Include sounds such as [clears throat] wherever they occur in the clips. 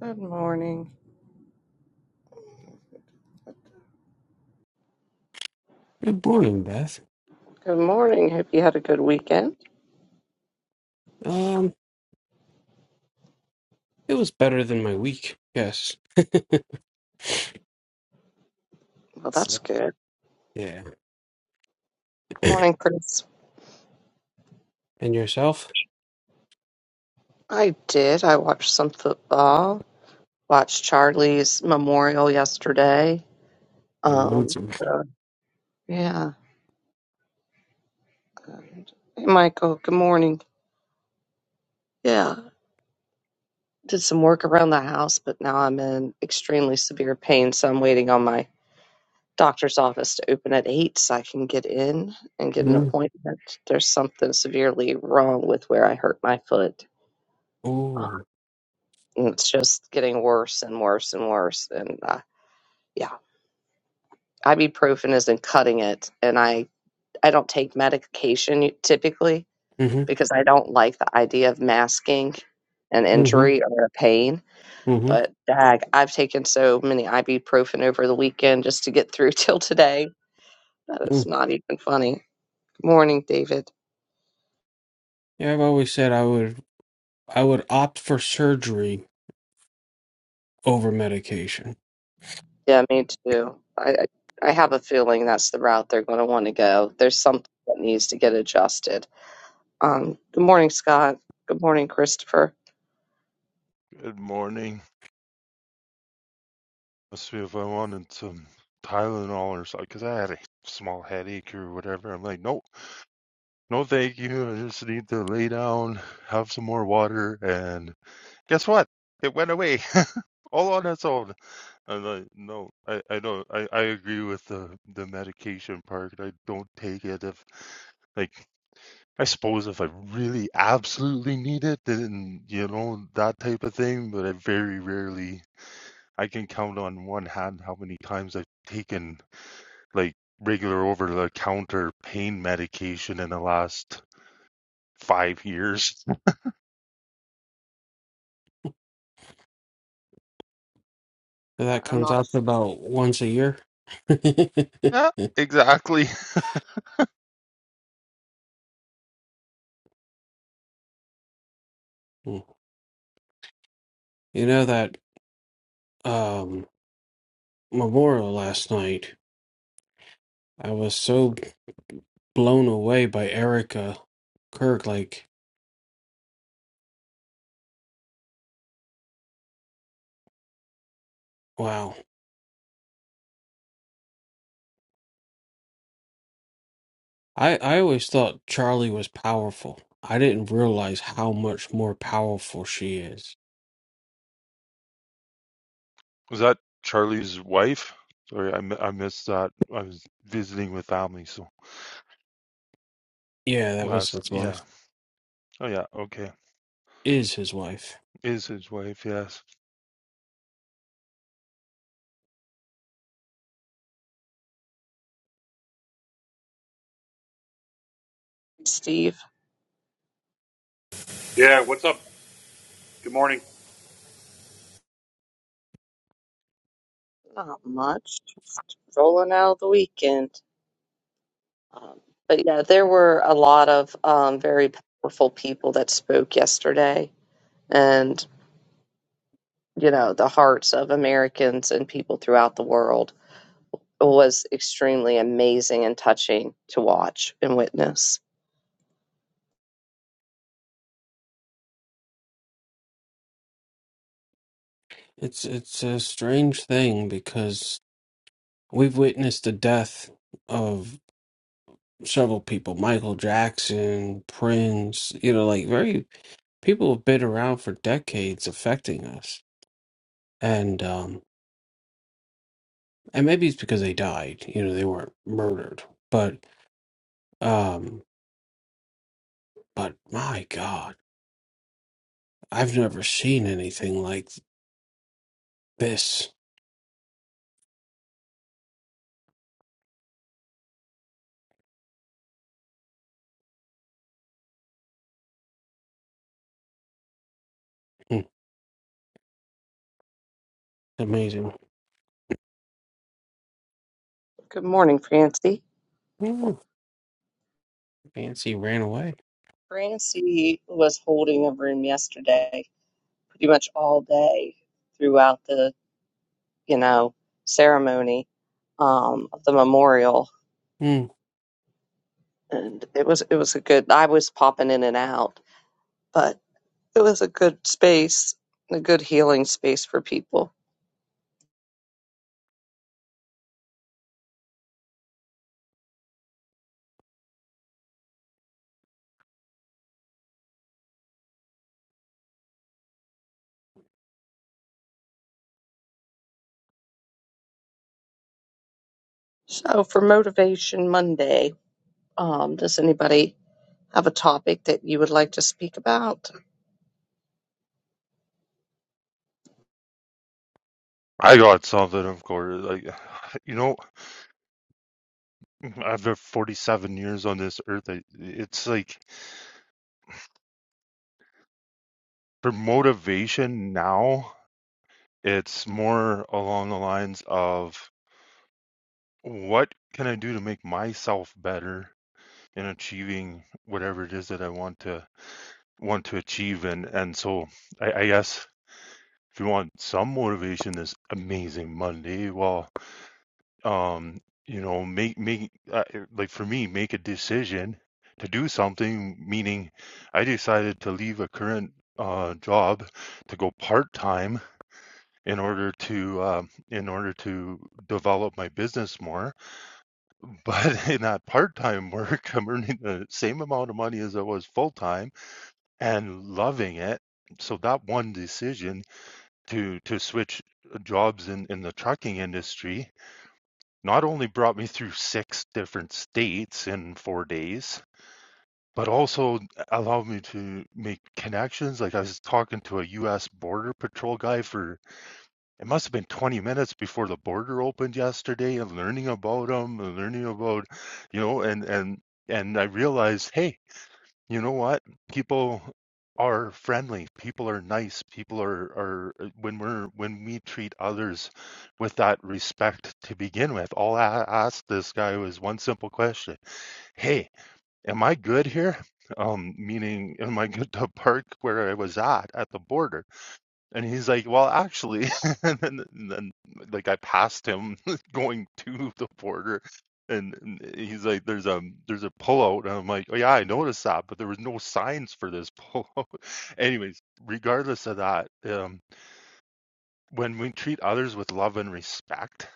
Good morning. Good morning, Beth. Good morning. Hope you had a good weekend. Um, it was better than my week. Yes. Well, that's So, good. yeah. Good morning, Chris. And yourself? I did. I watched some football. Watched Charlie's memorial yesterday. Um, Mm-hmm. so, yeah. Hey, Michael. Good morning. Yeah. Did some work around the house, but now I'm in extremely severe pain, so I'm waiting on my doctor's office to open at eight so I can get in and get an appointment. There's something severely wrong with where I hurt my foot. Oh. And It's just getting worse and worse and worse. And uh, yeah, ibuprofen isn't cutting it. And I, I don't take medication typically Mm-hmm. because I don't like the idea of masking an Mm-hmm. injury or a pain. Mm-hmm. But dag, I've taken so many ibuprofen over the weekend just to get through [laughs] till today that it's Mm. not even funny. Good morning, David. Yeah, I've always said I would I would opt for surgery over medication. Yeah, me too. I, I I have a feeling that's the route they're going to want to go. There's something that needs to get adjusted Um, good morning, Scott. Good morning, Christopher. Good morning. Let's see if I wanted some Tylenol or something, because I had a small headache or whatever. I'm like, no, no, thank you. I just need to lay down, have some more water, and guess what? It went away [laughs] all on its own. I'm like, no, I, I don't. I, I agree with the the medication part. I don't take it if, like, I suppose if I really absolutely need it, then you know that type of thing. But I very rarely. I can count on one hand how many times I've taken like regular over the counter pain medication in the last five years. [laughs] So Yeah, that I'm comes not a out to fan, about once a year. Yeah, exactly. [laughs] You know that um memorial last night. I was so blown away by Erica Kirk. Like, wow. I, I always thought Charlie was powerful. I didn't realize how much more powerful she is. Was that Charlie's wife? Sorry, I, I missed that. I was visiting with family, so Yeah, that was last, his yeah. wife. Oh, yeah, okay. Is his wife. Is his wife, yes. Steve. Yeah, what's up? Good morning. Not much. Rolling out of the weekend. Um, but yeah, there were a lot of um, very powerful people that spoke yesterday, and you know, the hearts of Americans and people throughout the world was extremely amazing and touching to watch and witness. It's it's a strange thing because we've witnessed the death of several people. Michael Jackson, Prince, you know, like very people have been around for decades affecting us. And um and maybe it's because they died, you know, they weren't murdered. But um but my God. I've never seen anything like this. Hmm, Amazing. Good morning, Francie. Hmm, Fancy ran away. Francie was holding a room yesterday, pretty much all day throughout the you know, ceremony um, of the memorial, Hmm, and it was it was a good. I was popping in and out, but it was a good space, a good healing space for people. So for Motivation Monday, um, does anybody have a topic that you would like to speak about? I got something, of course. Like, [sighs] you know, [clears throat] after 47 years on this earth, it's like for motivation now, It's more along the lines of what can I do to make myself better in achieving whatever it is that I want to want to achieve and and so I, I guess if you want some motivation this amazing Monday, well, um, you know, make make uh, like for me, make a decision to do something, meaning I decided to leave a current uh job to go part-time in order to um, in order to develop my business more. [laughs] But in that part time [laughs] work, I'm earning the same amount of money as I was full time and loving it. So that one decision to to switch uh, jobs in, in the trucking industry not only brought me through six different states in four days, but also allowed me to make connections. Like I was talking to a US Border Patrol guy for it must have been 20 minutes before the border opened yesterday and learning about them and learning about you know and and and i realized hey you know what people are friendly people are nice people are are uh, when we're when we treat others with that respect to begin with all i asked this guy was one simple question hey am i good here um meaning am i good to park where i was at at the border and he's like, well, actually, [laughs] and then, and then like I passed him [laughs] going to the border, and, and he's like, there's a there's a pullout, and I'm like, oh yeah, I noticed that, but there was no signs for this pullout. [laughs] Anyways, regardless of that, um, when we treat others with love and respect,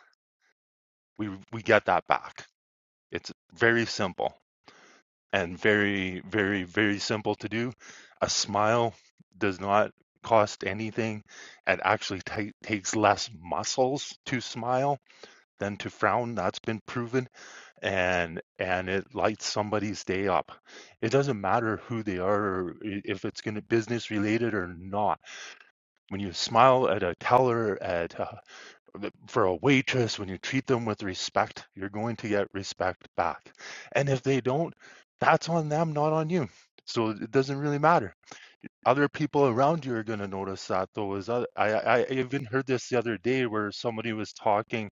we we get that back. It's very simple. and very, very, very simple to do. A smile does not cost anything. It actually ta- takes less muscles to smile than to frown. That's been proven, and and it lights somebody's day up. It doesn't matter who they are, or i- if it's going to business related or not. When you smile at a teller at a for a waitress, when you treat them with respect, you're going to get respect back. And if they don't, that's on them, not on you. So it doesn't really matter. Other people around you are going to notice that, though. Is other, I, I even heard this the other day where somebody was talking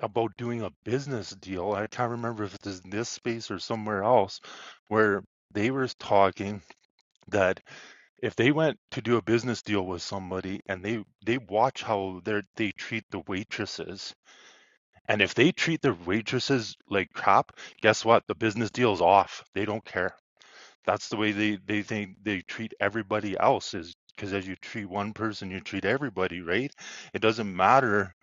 about doing a business deal. I can't remember if it was in this space or somewhere else, where they were talking that if they went to do a business deal with somebody and they they watch how they treat the waitresses and if they treat the waitresses like crap, guess what? The business deal's off. They don't care. That's the way they they think they treat everybody else is because as you treat one person, you treat everybody, right? It doesn't matter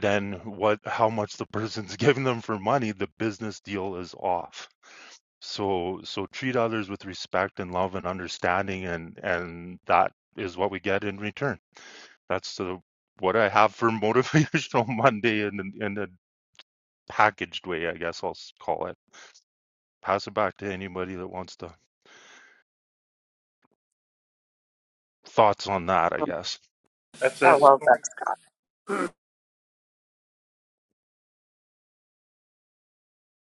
then what how much the [laughs] person's giving them for money, the business deal is off. So so treat others with respect and love and understanding and and that is what we get in return. That's the what I have for [laughs] motivational Monday and and packaged way, I guess I'll call it. Pass it back to anybody that wants to thoughts on that, I guess. That's I a love that. story,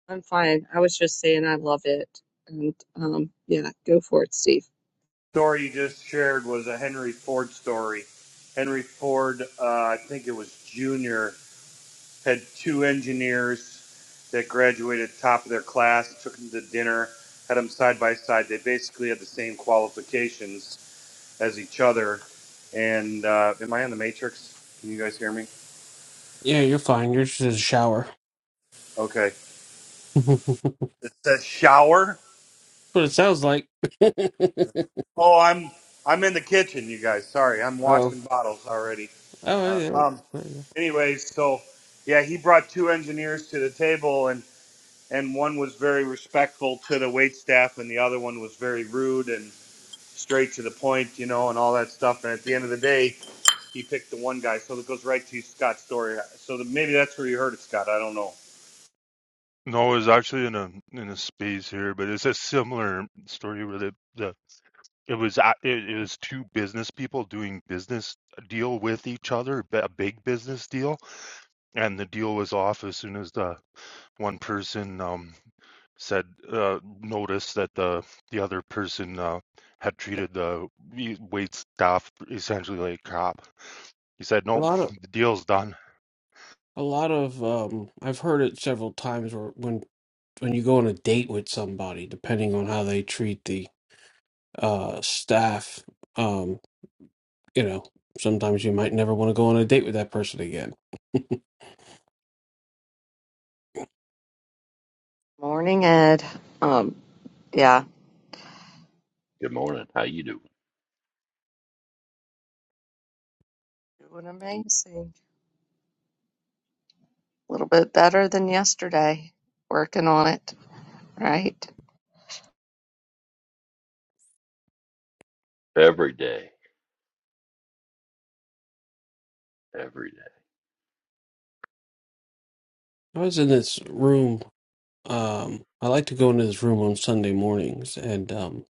I'm fine. I was just saying I love it. And um yeah, go for it, Steve. story you just shared was a Henry Ford story. Henry Ford, uh, I think it was junior, had two engineers that graduated top of their class, took them to dinner, had them side by side. They basically had the same qualifications as each other. And uh, am I on the Matrix? Can you guys hear me? Yeah, you're fine. You're just in the shower. Okay. [laughs] That's It says shower. what it sounds like. [laughs] oh, Oh, I'm I'm in the kitchen, you guys. Sorry, I'm oh, washing bottles already. Uh, yeah. there um, you go. anyways, so yeah, he brought two engineers to the table, and and one was very respectful to the wait staff, and the other one was very rude and straight to the point, you know, and all that stuff. And at the end of the day, he picked the one guy. So that goes right to Scott's story. So the, maybe that's where you heard it, Scott. I don't know. No, it was actually in a in a space here, but it's a similar story where the, the it was a- it, it was two business people doing business deal with each other, a big business deal, and the deal was off as soon as the one person um said uh, noticed that the the other person uh, had treated the wait staff essentially like a cop. He said, A "Nope, lot of, the deal's done." a lot of. Um, I've heard it several times. Where when when you go on a date with somebody, depending on how they treat the uh staff, um, you know, sometimes you might never want to go on a date with that person again. [laughs] Morning, Ed. Um yeah, Good morning. How you doing? doing amazing. A little bit better than yesterday. Working on it, right? Every day, every day. I was in this room. Um, I like to go into this room on Sunday mornings, and um,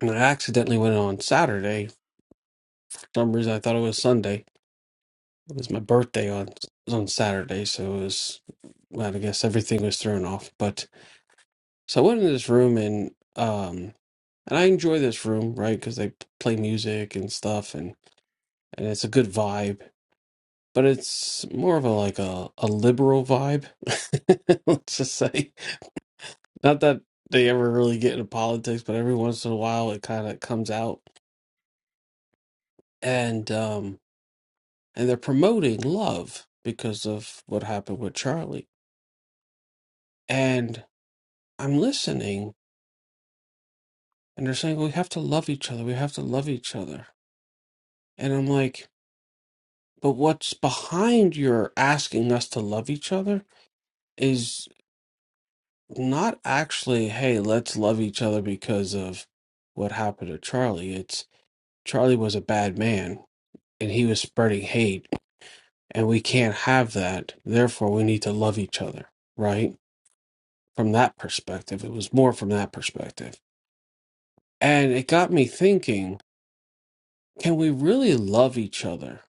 and I accidentally went on Saturday some reason I thought it was Sunday. It was my birthday on on Saturday, so it was well, I guess everything was thrown off. But so I went in this room and um and I enjoy this room, right? Because they play music and stuff, and and it's a good vibe. But it's more of a like a a liberal vibe, [laughs] let's just say. Not that they ever really get into politics, but every once in a while it kind of comes out. And um and they're promoting love because of what happened with Charlie And I'm listening, and they're saying, we have to love each other. We have to love each other. And I'm like, but what's behind your asking us to love each other is not actually, hey, let's love each other because of what happened to Charlie. It's Charlie was a bad man and he was spreading hate, and we can't have that. Therefore, we need to love each other, right? From that perspective, it was more from that perspective. And it got me thinking Can we really love each other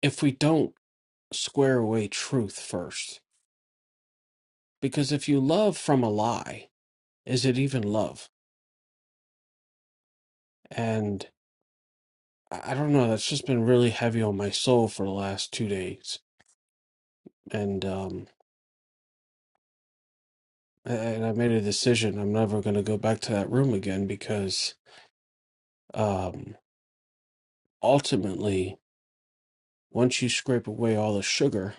if we don't square away truth first? Because if you love from a lie, is it even love? And I I don't know, that's just been really heavy on my soul for the last two days. And um and I made a decision I'm never gonna go back to that room again because um ultimately once you scrape away all the sugar,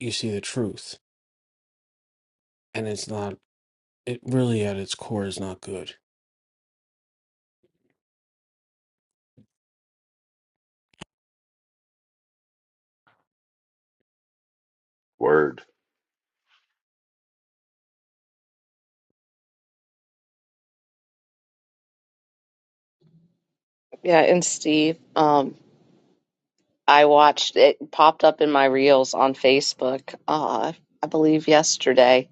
you see the truth. And it's not it really at its core is not good. Word Yeah, and Steve, um I watched it popped up in my reels on Facebook. Uh I believe yesterday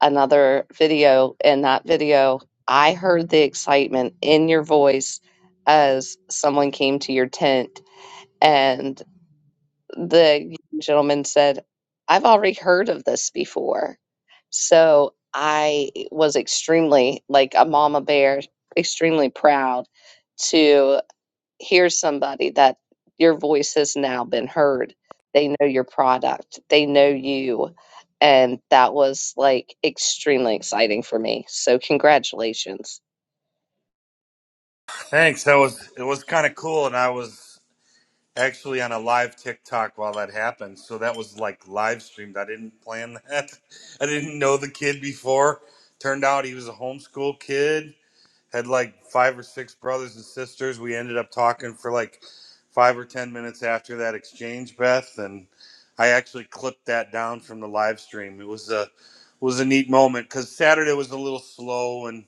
another video and that video I heard the excitement in your voice as someone came to your tent and. the gentleman said, I've already heard of this before. So I was extremely, like a mama bear, extremely proud to hear somebody that your voice has now been heard. They know your product, they know you. And that was like extremely exciting for me. So, congratulations. Thanks. That was it was kind of cool, and I was actually on a live TikTok while that happened. So that was like live streamed. I didn't plan that. [laughs] I didn't know the kid before. Turned out he was a homeschool kid, had like five or six brothers and sisters. We ended up talking for like five or 10 minutes after that exchange, Beth. And I actually clipped that down from the live stream. It was a, was a neat moment because Saturday was a little slow and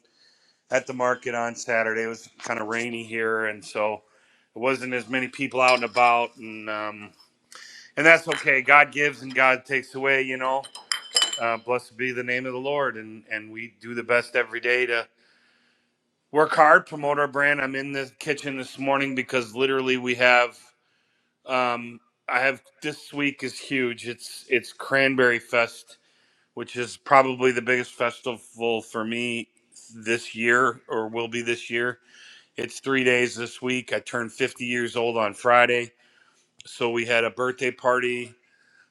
at the market on Saturday. It was kind of rainy here, and so it wasn't as many people out and about, and um, and that's okay. God gives and God takes away, you know. Uh, blessed be the name of the Lord, and and we do the best every day to work hard, promote our brand. I'm in the kitchen this morning because literally we have. Um, I have this week is huge. It's it's Cranberry Fest, which is probably the biggest festival for me this year or will be this year It's three days this week. I turned 50 years old on Friday. So we had a birthday party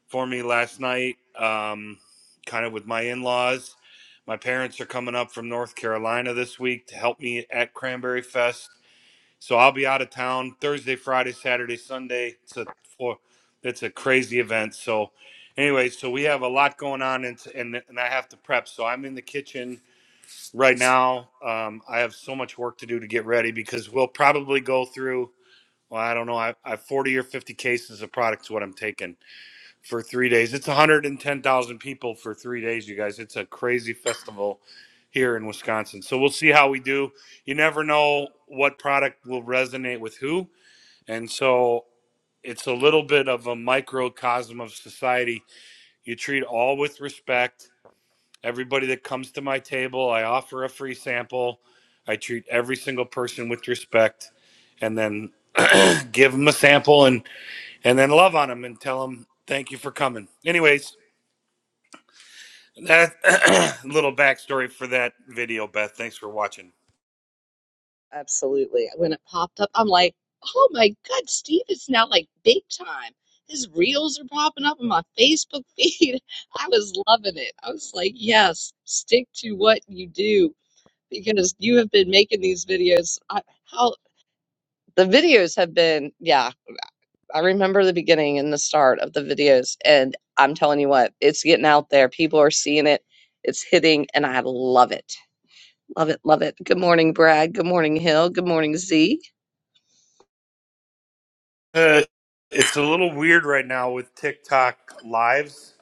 for me last night, um, kind of with my in laws. My parents are coming up from North Carolina this week to help me at Cranberry Fest. So I'll be out of town Thursday, Friday, Saturday, Sunday. It's a four, it's a crazy event. So, anyway, so we have a lot going on, and, and and I have to prep. So I'm in the kitchen right now um, i have so much work to do to get ready because we'll probably go through well i don't know i, I have 40 or 50 cases of products what i'm taking for three days it's 110000 people for three days you guys it's a crazy festival here in wisconsin so we'll see how we do you never know what product will resonate with who and so it's a little bit of a microcosm of society you treat all with respect Everybody that comes to my table, I offer a free sample. I treat every single person with respect and then [clears throat] give them a sample and, and then love on them and tell them thank you for coming. Anyways, that [clears throat] little backstory for that video, Beth. Thanks for watching. Absolutely. When it popped up, I'm like, oh my God, Steve is now like big time. His reels are popping up on my Facebook feed. [laughs] I was loving it. I was like, yes, stick to what you do because you have been making these videos. I, how the videos have been, yeah, I remember the beginning and the start of the videos. And I'm telling you what, it's getting out there. People are seeing it, it's hitting, and I love it. Love it, love it. Good morning, Brad. Good morning, Hill. Good morning, Z. Uh, it's a little weird right now with TikTok lives.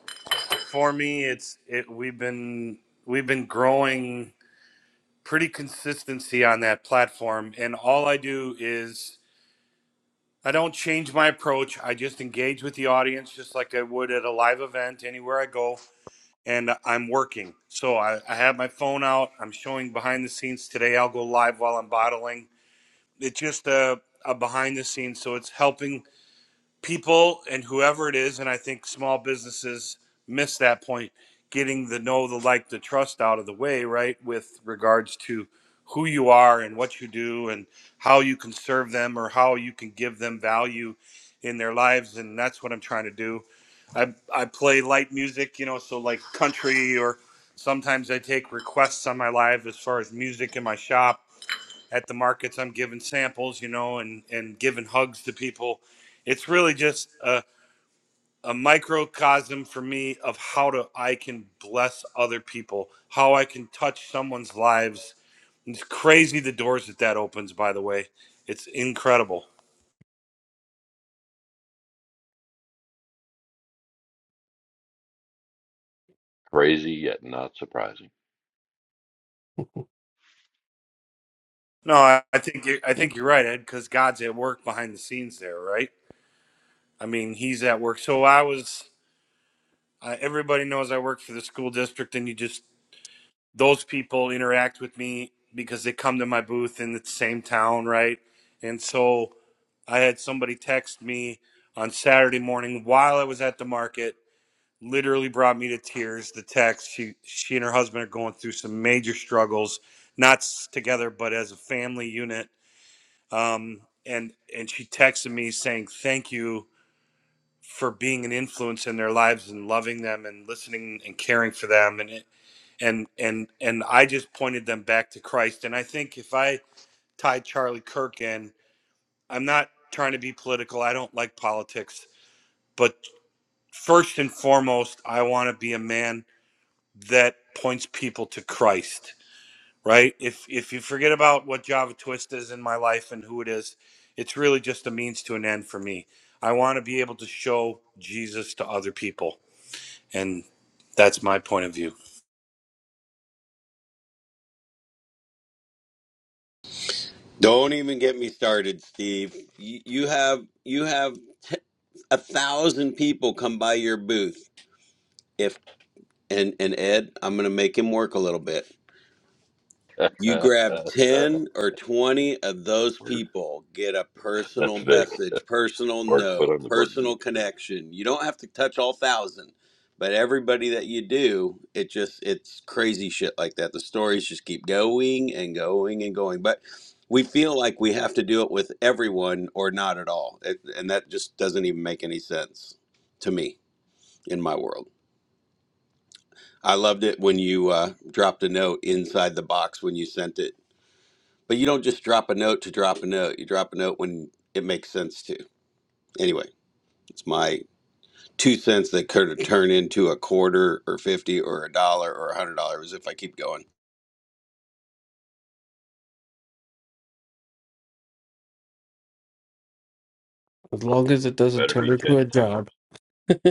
For me, it's it we've been we've been growing pretty consistency on that platform and all I do is I don't change my approach. I just engage with the audience just like I would at a live event anywhere I go. And I'm working. So I, I have my phone out. I'm showing behind the scenes today. I'll go live while I'm bottling. It's just a, a behind the scenes. So it's helping people and whoever it is, and I think small businesses miss that point, getting the know, the like, the trust out of the way, right? With regards to who you are and what you do and how you can serve them or how you can give them value in their lives. And that's what I'm trying to do. I, I play light music, you know, so like country or sometimes I take requests on my live as far as music in my shop at the markets. I'm giving samples, you know, and and giving hugs to people. It's really just a, a microcosm for me of how to I can bless other people, how I can touch someone's lives. It's crazy the doors that that opens. By the way, it's incredible. crazy yet not surprising. No, I, I think you I think you're right, Ed, because God's at work behind the scenes there, right? I mean, He's at work. So I was. Uh, everybody knows I work for the school district, and you just those people interact with me because they come to my booth in the same town, right? And so I had somebody text me on Saturday morning while I was at the market. Literally brought me to tears. The text she she and her husband are going through some major struggles, not together but as a family unit. Um, and and she texted me saying thank you for being an influence in their lives and loving them and listening and caring for them. and it and and and I just pointed them back to Christ. And I think if I tied Charlie Kirk in, I'm not trying to be political. I don't like politics, but first and foremost, I want to be a man that points people to Christ. Right? If if you forget about what Java Twist is in my life and who it is, it's really just a means to an end for me. I want to be able to show Jesus to other people, and that's my point of view. Don't even get me started, Steve. You, you have you have t- a thousand people come by your booth. If and and Ed, I'm going to make him work a little bit. [laughs] You Word. grab 10 or 20 of those people, get a That's personal Vic. message, personal Work [laughs] put note, on the work personal boots, Vic. connection. You don't have to touch all thousand, but everybody that you do, it just, it's crazy shit like that. The stories just keep going and going and going. But we feel like we have to do it with everyone or not at all. It, and that just doesn't even make any sense to me in my world. I loved it when you uh, dropped a note inside the box when you sent it but you don't just drop a note to drop a note. You drop a note when it makes sense to. Anyway, it's my two cents that could turn into a quarter or 50 or a dollar or a hundred dollars if I keep going. As long as it doesn't Better be turn into ten a times. job. [laughs]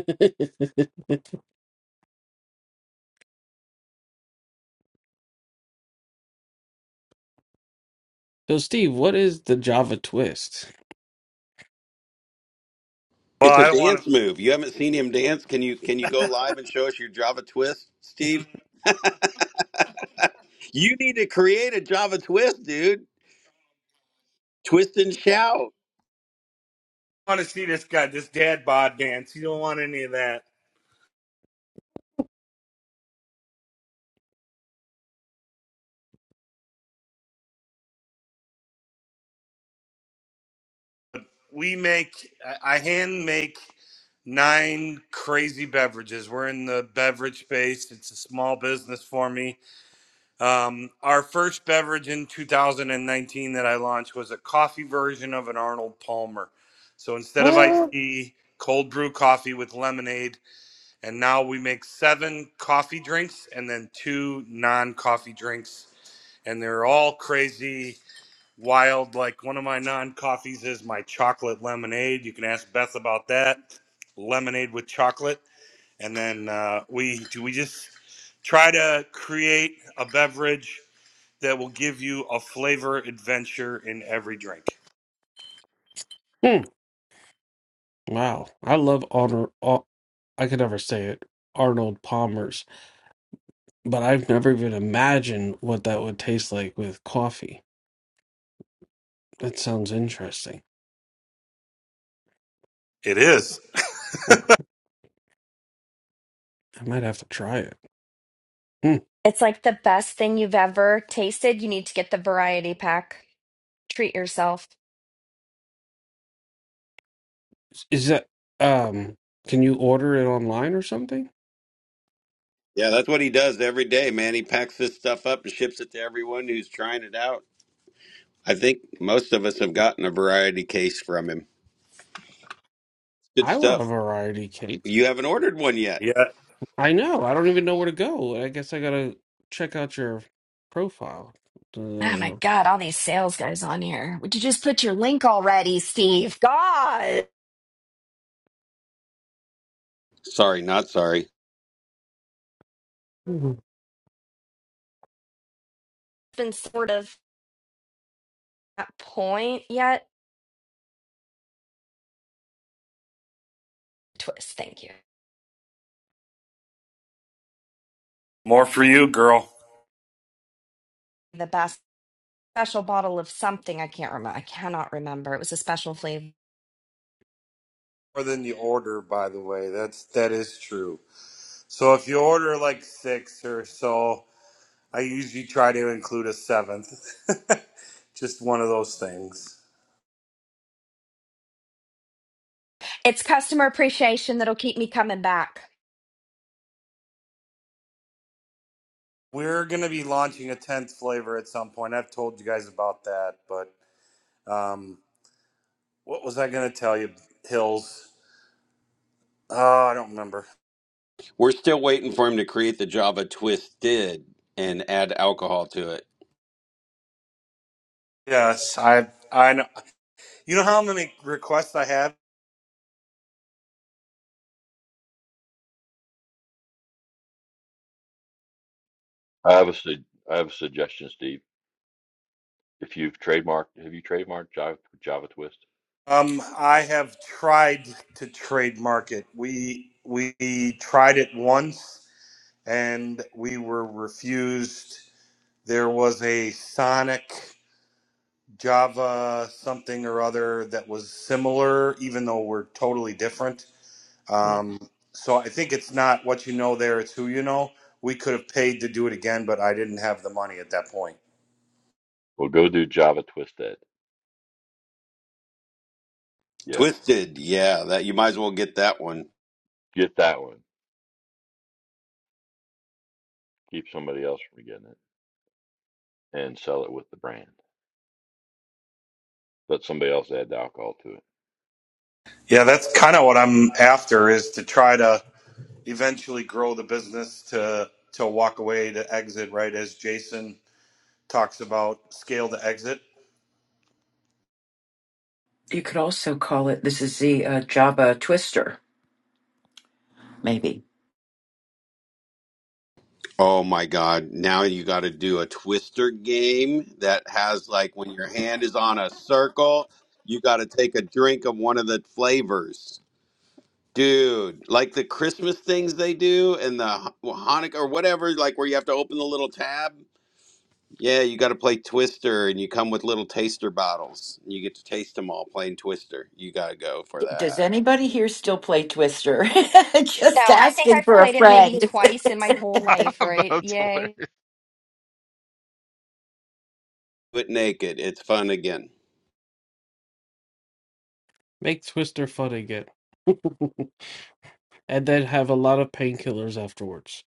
so, Steve, what is the Java twist? Well, It's a I don't want to. dance move. You haven't seen him dance. Can you can you go live and show us your Java twist, Steve? You need to create a Java twist, dude. Twist and shout. want to see this guy, this dad bod dance. You don't want any of that. We make, I I hand make nine crazy beverages. We're in the beverage space. It's a small business for me. Um, our first beverage in 2019 that I launched was a coffee version of an Arnold Palmer. So instead of iced Uh, tea, cold brew coffee with lemonade. And now we make seven coffee drinks and then two non coffee drinks. And they're all crazy wild. Like one of my non coffees is my chocolate lemonade. You can ask Beth about that. Lemonade with chocolate, and then uh, we do we just try to create a beverage that will give you a flavor adventure in every drink. hmm, wow, I love Arnold. I could never say it. Arnold Palmer's, but I've never even imagined what that would taste like with coffee. That sounds interesting. It is. I might have to try it. Hmm. It's like the best thing you've ever tasted. You need to get the variety pack. Treat yourself. Is that um can you order it online or something? Yeah, that's what he does every day, man. He packs this stuff up and ships it to everyone who's trying it out. I think most of us have gotten a variety case from him. Good I love a stuff. variety cake. You haven't ordered one yet. Yeah, I know. I don't even know where to go. I guess I gotta check out your profile. Oh my Uh, God, all these sales guys on here. Would you just put your link already, Steve? God, it's Sorry, not sorry. been sort of at point yet. Twist, thank you. more for you, girl. The best special bottle of something I can't remember. I cannot remember. It was a special flavor. More than you order, by the way. That's that is true. So if you order like six or so, I usually try to include a seventh. [laughs] Just one of those things. It's customer appreciation that'll keep me coming back. We're going to be launching a 10th flavor at some point. I've told you guys about that, but um, what was I going to tell you, Hills? Oh, I don't remember. We're still waiting for him to create the Java twisted and add alcohol to it. Yes, I I know. You know how many requests I have? I have a su- I have a suggestion, Steve. If you've trademarked, have you trademarked Java Java Twist? Um, I have tried to trademark it. We we tried it once and we were refused. There was a Sonic Java something or other that was similar, even though we're totally different Hmm. Um, so I think it's not what you know there; it's who you know. We could have paid to do it again, but I didn't have the money at that point. Well, go do Java Twist Ed. Yeah, Twisted, yeah, that you might as well get that one. get that one. Keep somebody else from getting it and sell it with the brand. Let somebody else add the alcohol Yeah, that's kind of what I'm after is to try to eventually grow the business to to walk away to exit right as Jason talks about scale to exit. You could also call it, this is the uh, Java Twister, maybe. Oh my god, now you got to do a twister game that has like when your hand is on a circle, you got to take a drink of one of the flavors. Dude, like the Christmas things they do and the Ha- Hanukkah or whatever, like where you have to open the little tab. Yeah, you got to play Twister, and you come with little taster bottles. You get to taste them all playing Twister. You got to go for Does that. anybody here still play Twister? [laughs] No, Just I think asking I've for a played it maybe friend. twice in my whole [laughs] life, right? That's hilarious. Yay. But naked, it's fun again. make Twister fun again. And then have a lot of painkillers afterwards.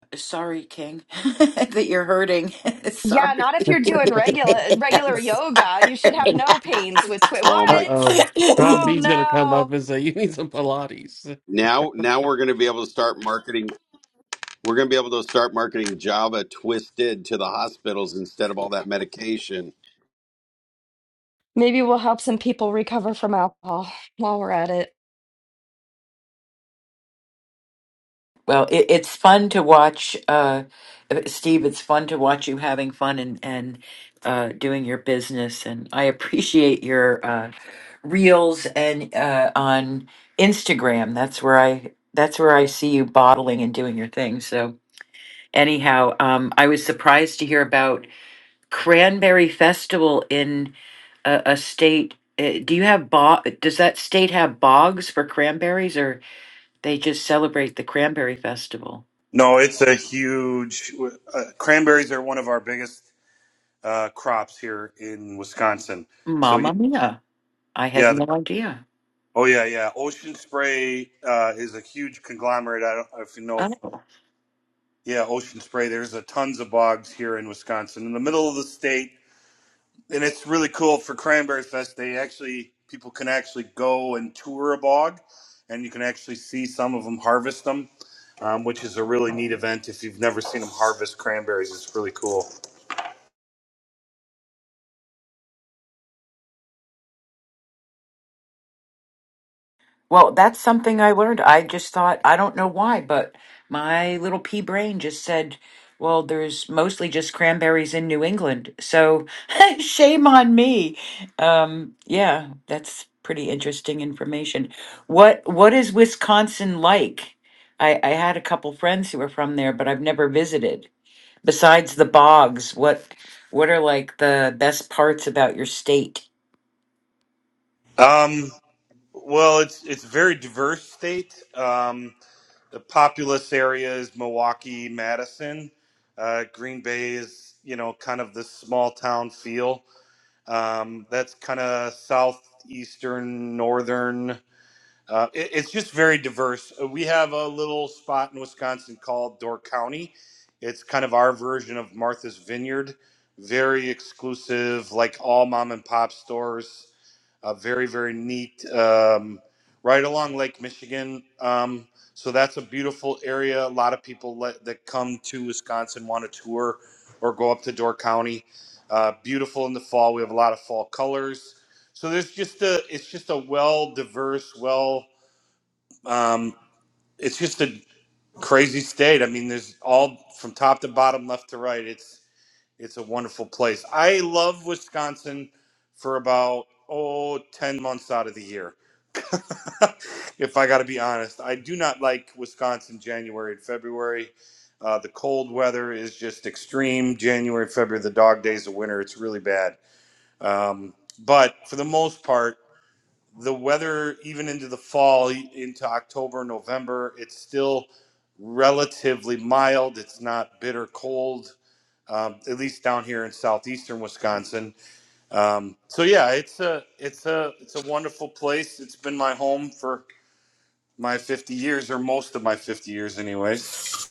[laughs] Sorry, King, [laughs] that you're hurting. [laughs] Yeah, Sorry. not if you're doing [laughs] regular [laughs] I'm regular yoga. You should have sorry. no pains with twit. Oh Uh my! What? oh. John Oh [laughs] B's gonna come no. up and say, You need some Pilates. Now, now we're going to be able to start marketing. We're going to be able to start marketing Java Twisted to the hospitals instead of all that medication. Maybe we'll help some people recover from alcohol while we're at it. I Well, it, it's fun to watch, uh, Steve. It's fun to watch you having fun and and uh, doing your business. And I appreciate your uh, reels and uh, on Instagram. That's where I that's where I see you bottling and doing your thing. So anyhow, um, I was surprised to hear about Cranberry Festival in a, a state. Uh, do you have bog? Does that state have bogs for cranberries, or they just celebrate the Cranberry Festival? No, it's a huge. Uh, cranberries are one of our biggest uh, crops here in Wisconsin. So yeah, Mamma mia. I had yeah. they're- no idea. Oh yeah, yeah. Ocean Spray uh, is a huge conglomerate. I don't know if you know Oh. Yeah, ocean spray. There's a tons of bogs here in Wisconsin, in the middle of the state, and it's really cool for Cranberry Fest. They actually people can actually go and tour a bog, and you can actually see some of them harvest them, um, which is a really neat event. If you've never seen them harvest cranberries, it's really cool. Well, that's something I learned. I just thought, I don't know why, but my little pea brain just said, well, there's mostly just cranberries in New England. So [laughs] shame on me. Um, yeah, that's pretty interesting information. What what is Wisconsin like? I, I had a couple friends who were from there, but I've never visited. Besides the bogs, what what are like the best parts about your state? Um, well, it's it's a very diverse state. Um, the populous area is Milwaukee, Madison. Uh, Green Bay is, you know, kind of this small town feel. Um, that's kind of southeastern, northern uh, it, it's just very diverse. Uh, We have a little spot in Wisconsin called Door County. It's kind of our version of Martha's Vineyard. Very exclusive, like all mom and pop stores. Uh, very, very neat. Um, right along Lake Michigan. Um, so that's a beautiful area. A lot of people let, that come to Wisconsin want to tour or go up to Door County. Uh, beautiful in the fall. We have a lot of fall colors. So there's just a, it's just a well diverse, well um, it's just a crazy state. I mean, there's all from top to bottom, left to right. It's it's a wonderful place. I love Wisconsin for about oh 10 months out of the year. [laughs] if I got to be honest, I do not like Wisconsin January and February. Uh, the cold weather is just extreme. January, February, the dog days of winter, it's really bad. Um, but for the most part the weather even into the fall into october november it's still relatively mild it's not bitter cold um, at least down here in southeastern wisconsin um, so yeah it's a it's a it's a wonderful place it's been my home for my 50 years or most of my 50 years anyways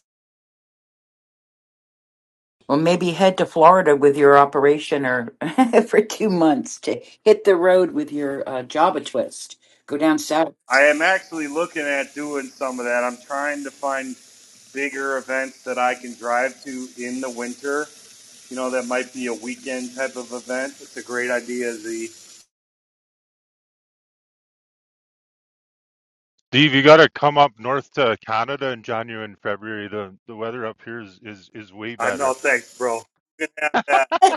Well, maybe head to Florida with your operation or [laughs] for two months to hit the road with your uh, Java twist. Go down south. i am actually looking at doing some of that i'm trying to find bigger events that i can drive to in the winter You know, that might be a weekend type of event. It's a great idea. The Steve, you got to come up north to Canada in January and February. The the weather up here is is is way I better. know, thanks, bro. Yeah, yeah. [laughs]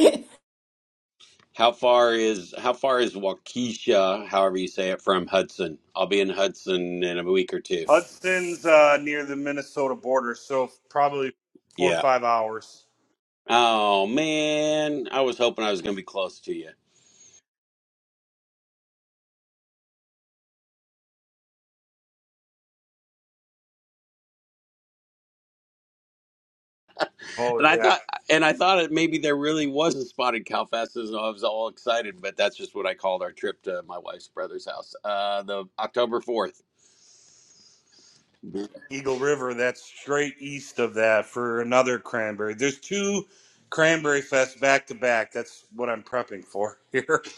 I, How far is how far is Waukesha, however you say it, from Hudson? I'll be in Hudson in a week or two. Hudson's uh, near the Minnesota border, so probably four or Yeah. five hours. Oh man, I was hoping I was going to be close to you. Oh And I yeah, thought, and I thought it maybe there really wasn't spotted cow fest, and I was all excited. But that's just what I called our trip to my wife's brother's house, uh, the October fourth. Eagle River. That's straight east of that for another cranberry. There's two cranberry fest back to back. That's what I'm prepping for here. [laughs]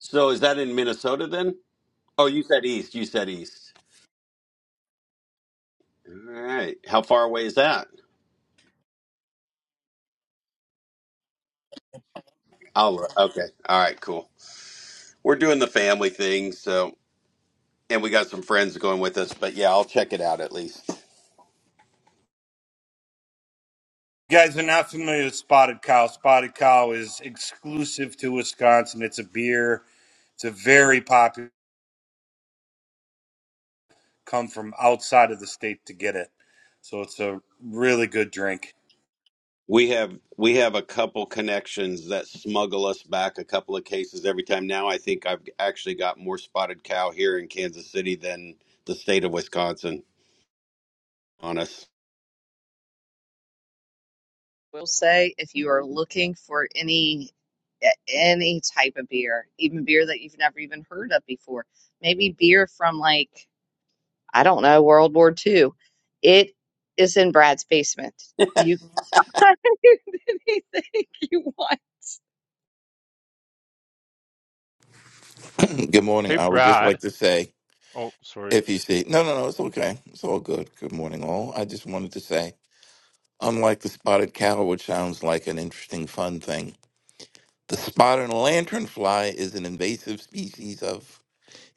So is that in Minnesota then? Oh, you said east. You said east. All right. How far away is that? Oh, okay. All right. Cool. We're doing the family thing, so and we got some friends going with us. But yeah, I'll check it out at least. You guys are not familiar with Spotted Cow. Spotted Cow is exclusive to Wisconsin. It's a beer. It's a very popular. come from outside of the state to get it. So it's a really good drink. We have we have a couple connections that smuggle us back a couple of cases every time. Now I think I've actually got more spotted cow here in Kansas City than the state of Wisconsin on us. will say if you are looking for any any type of beer, even beer that you've never even heard of before, maybe beer from like I don't know World War II, it is in Brad's basement. [laughs] You [laughs] can find anything you want. Good morning. Hey, I would just Brad. like to say, Oh, sorry. if you see, no, no, no, it's okay. It's all good. Good morning, all. I just wanted to say, unlike the spotted cow, which sounds like an interesting, fun thing, the spotted lanternfly is an invasive species of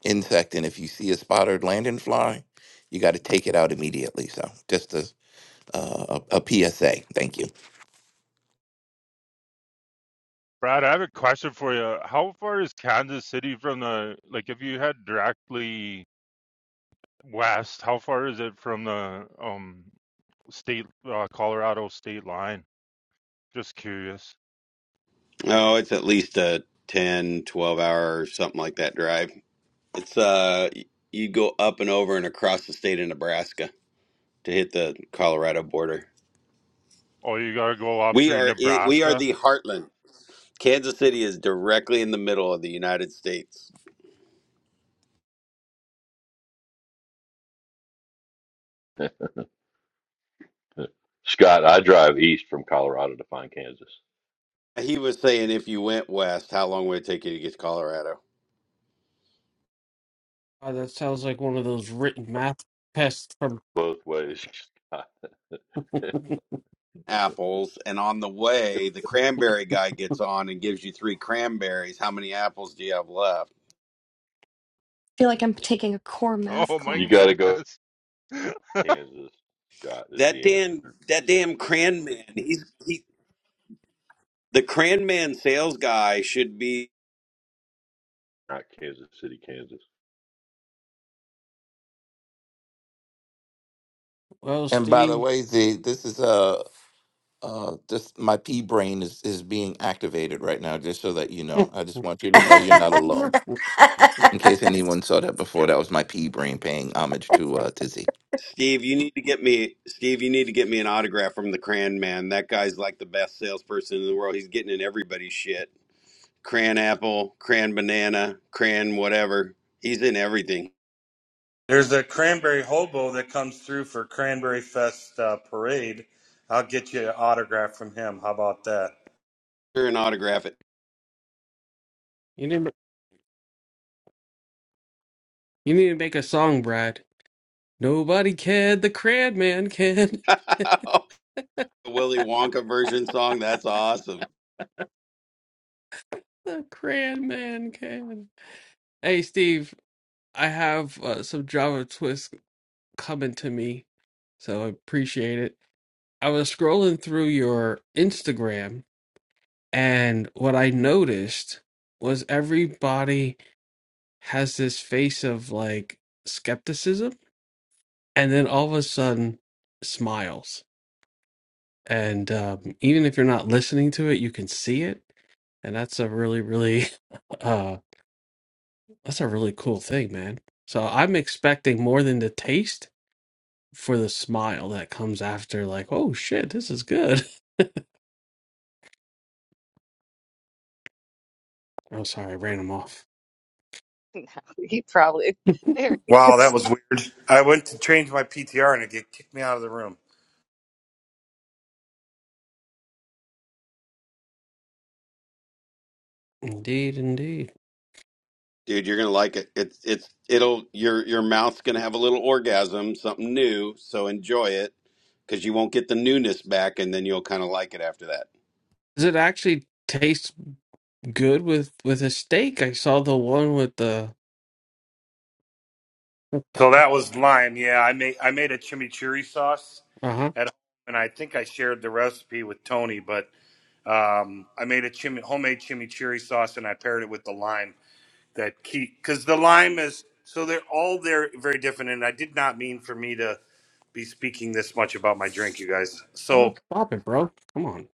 insect. And if you see a spotted lanternfly, you got to take it out immediately. So just a, uh, a, PSA. Thank you. Brad, I have a question for you. How far is Kansas City from the like if you head directly West. How far is it from the um state uh, Colorado state line? Just curious. Oh, it's at least a 10, 12 hour or something like that drive. It's uh y- you go up and over and across the state of Nebraska to hit the Colorado border. Oh, you gotta go up We through are i- we are Nebraska. the [laughs] heartland. Kansas City is directly in the middle of the United States. to it. [laughs] Scott, I drive east from Colorado to find Kansas. He was saying if you went west, how long would it take you to get to Colorado? Uh, that sounds like one of those written math tests from both ways. Scott. [laughs] Apples. And on the way, the cranberry guy gets on and gives you three cranberries. How many apples do you have left? feel like I'm taking a core math Oh my you class. got to go goodness, [laughs] Kansas. Scott is That the damn answer, that damn cran man. He's he, the cran man sales guy should be not Kansas City, Kansas. Well And by the Steve. way, Z, this is uh Uh, just my pea brain is, is being activated right now, just so that you [laughs] know. I just want you to know You you're not alone. In case anyone saw that before, that was my pea brain paying homage to uh, Tizzy. Steve, you need to get me Steve, you need to get me an autograph from the cran man. That guy's like the best salesperson in the world. He's getting in everybody's shit. Cran apple, cran banana, cran whatever. He's in everything. There's a cranberry hobo that comes through for Cranberry Fest uh, parade. I'll get you an autograph from him. How about that? You're an autograph it. need, to- you need to make a song, Brad. Nobody can. The Cran Man can. [laughs] [laughs] Willy Wonka version song. That's awesome, The Cran Man can. Hey, Steve, I have uh, some Java Twist coming to me, so I appreciate it. I was scrolling through your Instagram, and what I noticed was everybody has this face of like skepticism, and then all of a sudden smiles. And um, even if you're not listening to it, you can see it and that's a really really [laughs] uh that's a really cool thing man so i'm expecting more than the taste for the smile that comes after like oh shit this is good [laughs] oh sorry I ran him off [laughs] No, He probably, there he Wow, that is. was weird. I went to change my PTR and it get- kicked me out of the room. indeed indeed dude. You're gonna like it. It's it's it'll your your mouth's gonna have a little orgasm, something new. So enjoy it, because you won't get the newness back, and then you'll kind of like it after that. does it actually taste good with with a steak i saw the one with the So that was lime. Yeah, I made I made a chimichurri sauce uh-huh at home, and I think I shared the recipe with Tony. But um, I made a chim- homemade chimichurri sauce and I paired it with the lime that key because the lime is so they're all they're very different and i did not mean for me to be speaking this much about my drink you guys oh so stop it bro come on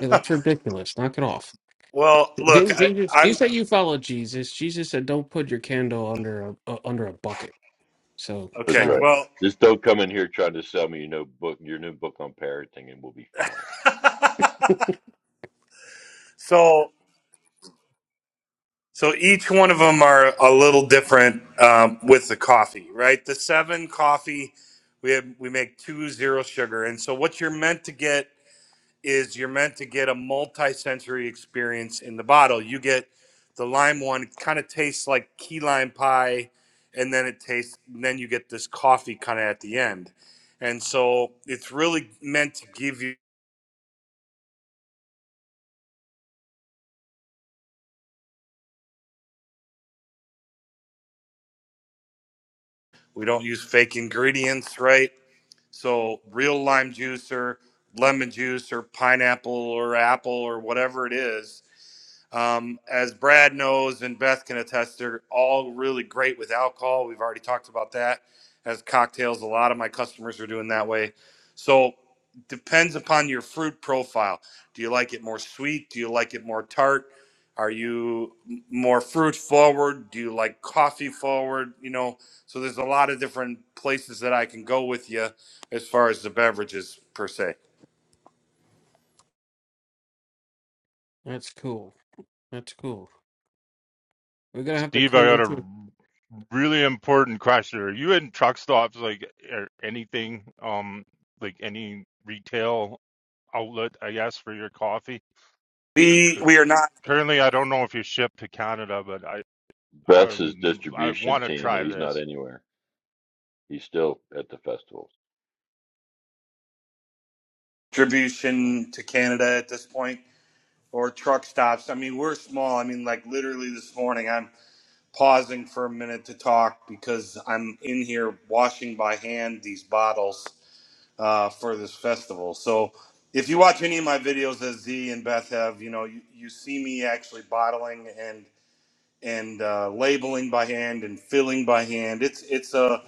yeah, that's [laughs] ridiculous knock it off well look didn't I, jesus you i'm said you follow jesus jesus said don't put your candle under a uh, under a bucket so That's okay shine right. well Just don't come in here trying to sell me your new book, your new book on parenting, and we'll be fine. [laughs] [laughs] so so each one of them are a little different um, with the coffee right the seven coffee we have we make two zero sugar and so what you're meant to get is you're meant to get a multi-sensory experience in the bottle. You get the lime one, kind of tastes like key lime pie, and then it tastes. And then you get this coffee kind of at the end, and so it's really meant to give you. We don't use fake ingredients, right? So real lime juice or lemon juice or pineapple or apple or whatever it is Um, as Brad knows and Beth can attest, they're all really great with alcohol. We've already talked about that. As cocktails, a lot of my customers are doing that way. So depends upon your fruit profile. Do you like it more sweet? Do you like it more tart? Are you m- more fruit forward? Do you like coffee forward? You know, so there's a lot of different places that I can go with you as far as the beverages per se. That's cool. That's cool. We're gonna have to Steve, I got create a a- really important question. Are you in truck stops like or anything? Um, like any retail outlet, I guess, for your coffee? We 'Cause we are not currently, I don't know if you ship to Canada, but I I Beth's his I distribution want to team, and try he's this. not anywhere. He's still at the festival. distribution to Canada at this point. or truck stops. I mean, we're small. I mean, like literally this morning, I'm pausing for a minute to talk because I'm in here washing by hand these bottles uh, for this festival. So if you watch any of my videos that Z and Beth have, you know, you, you see me actually bottling and and uh, labeling by hand and filling by hand. It's it's a